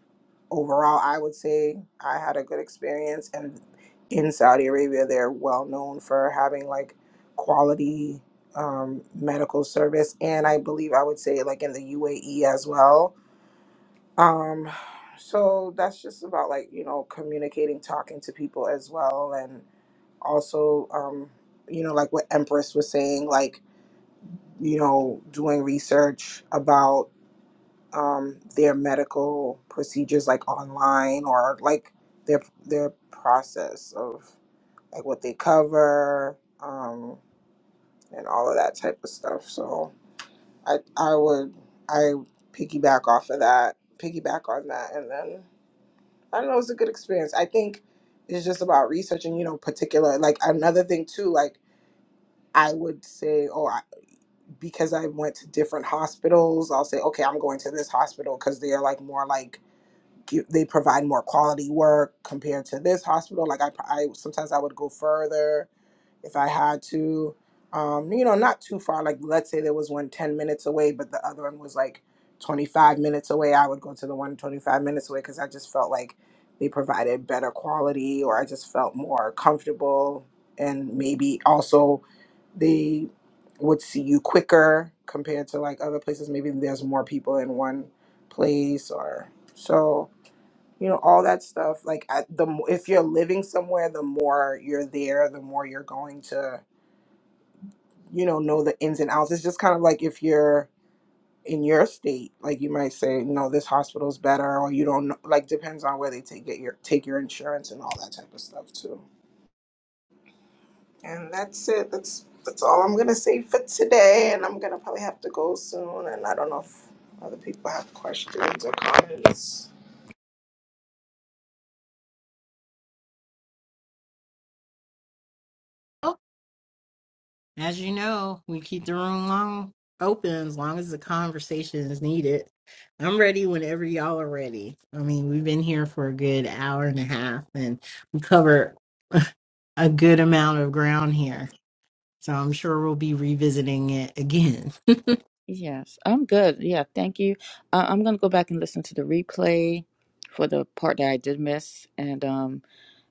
overall, I would say I had a good experience, and in Saudi Arabia, they're well known for having like quality um, medical service, and I believe I would say like in the UAE as well. Um, so that's just about like you know communicating, talking to people as well, and also um, you know like what Empress was saying, like you know doing research about um, their medical procedures like online or like their their process like what they cover, um, and all of that type of stuff. So I I would I piggyback off of that, piggyback on that, and then I don't know, it's a good experience. I think it's just about researching, you know, particular like another thing too, like I would say, oh, I, because I went to different hospitals, I'll say, okay, I'm going to this hospital because they're like more like give- they provide more quality work compared to this hospital. Like I, I sometimes I would go further if I had to, um, you know, not too far. Like, let's say there was one 10 minutes away, but the other one was like 25 minutes away, I would go to the one 25 minutes away because I just felt like they provided better quality or I just felt more comfortable. And maybe also they would see you quicker compared to like other places. Maybe there's more people in one place or so you know all that stuff like at the mo- if you're living somewhere the more you're there the more you're going to you know know the ins and outs it's just kind of like if you're in your state like you might say no this hospital's better or you don't know like depends on where they take it your take your insurance and all that type of stuff too and that's it that's that's all i'm gonna say for today and i'm gonna probably have to go soon and i don't know if other people have questions or comments As you know, we keep the room long open as long as the conversation is needed. I'm ready whenever y'all are ready. I mean, we've been here for a good hour and a half and we covered a good amount of ground here. So I'm sure we'll be revisiting it again. yes i'm good yeah thank you uh, i'm gonna go back and listen to the replay for the part that i did miss and um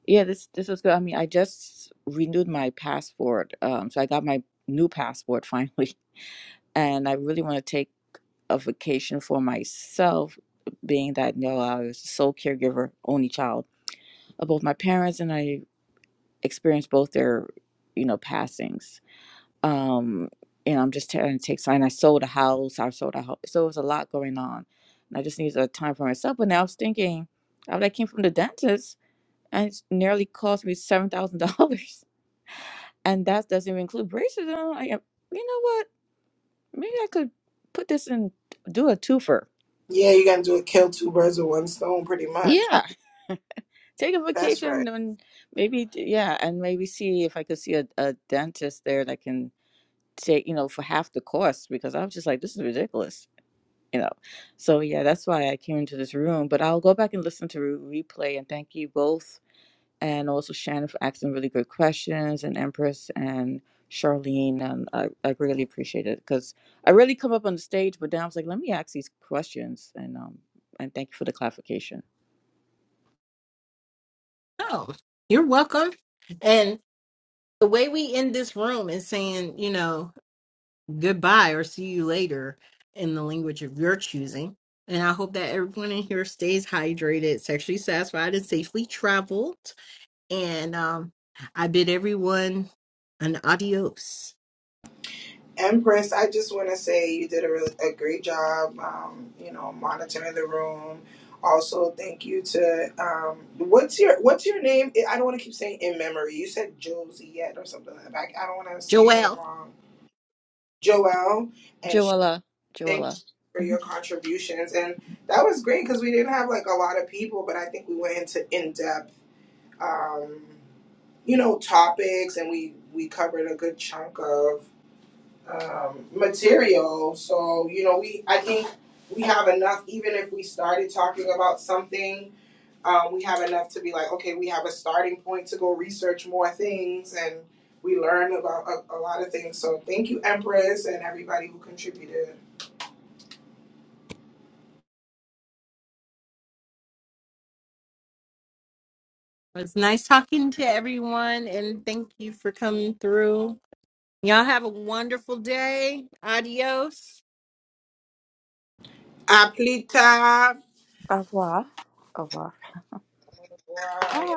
yeah this this was good i mean i just renewed my passport um so i got my new passport finally and i really want to take a vacation for myself being that you know i was a sole caregiver only child of both my parents and i experienced both their, you know, passings. Um, and I'm just trying to take sign. I sold a house. I sold a house. So it was a lot going on. And I just needed a time for myself. But now I was thinking, after I came from the dentist, and it's nearly cost me seven thousand dollars. And that doesn't even include braces. And I'm like, you know what? Maybe I could put this in, do a twofer. yeah you're gonna do a kill two birds with one stone pretty much Yeah, take a that's right vacation and maybe, yeah, and maybe see if I could see a, a dentist there that can take you know for half the cost because I was just like this is ridiculous you know so yeah that's why I came into this room but I'll go back and listen to re- replay and thank you both and also Shannon for asking really good questions, and Empress and Charlene. And I, I really appreciate it because I really come up on the stage, but then I was like, let me ask these questions, and um, and thank you for the clarification. so you're welcome. And the way we end this room is saying, you know, goodbye or see you later in the language of your choosing. And I hope that everyone in here stays hydrated, sexually satisfied, and safely traveled. And um, I bid everyone an adios. Empress, I just want to say you did a, really, a great job, um, you know, monitoring the room. Also, thank you to um, what's your what's your name? I don't want to keep saying in memory. You said Josie yet or something like that. I, I don't want to say your name Joelle, wrong. Joelle, and she, Joella, thank you Joella. for your Mhm. contributions. And that was great because we didn't have like a lot of people, but I think we went into in depth, um, you know, topics, and we we covered a good chunk of um, material. So you know, we I think we have enough. Even if we started talking about something, um, we have enough to be like, okay, we have a starting point to go research more things, and we learn about a, a lot of things. So thank you, Empress, and everybody who contributed. it's nice talking to everyone, and thank you for coming through. Y'all have a wonderful day. Adios. Aplita. Au revoir. Au revoir. Why?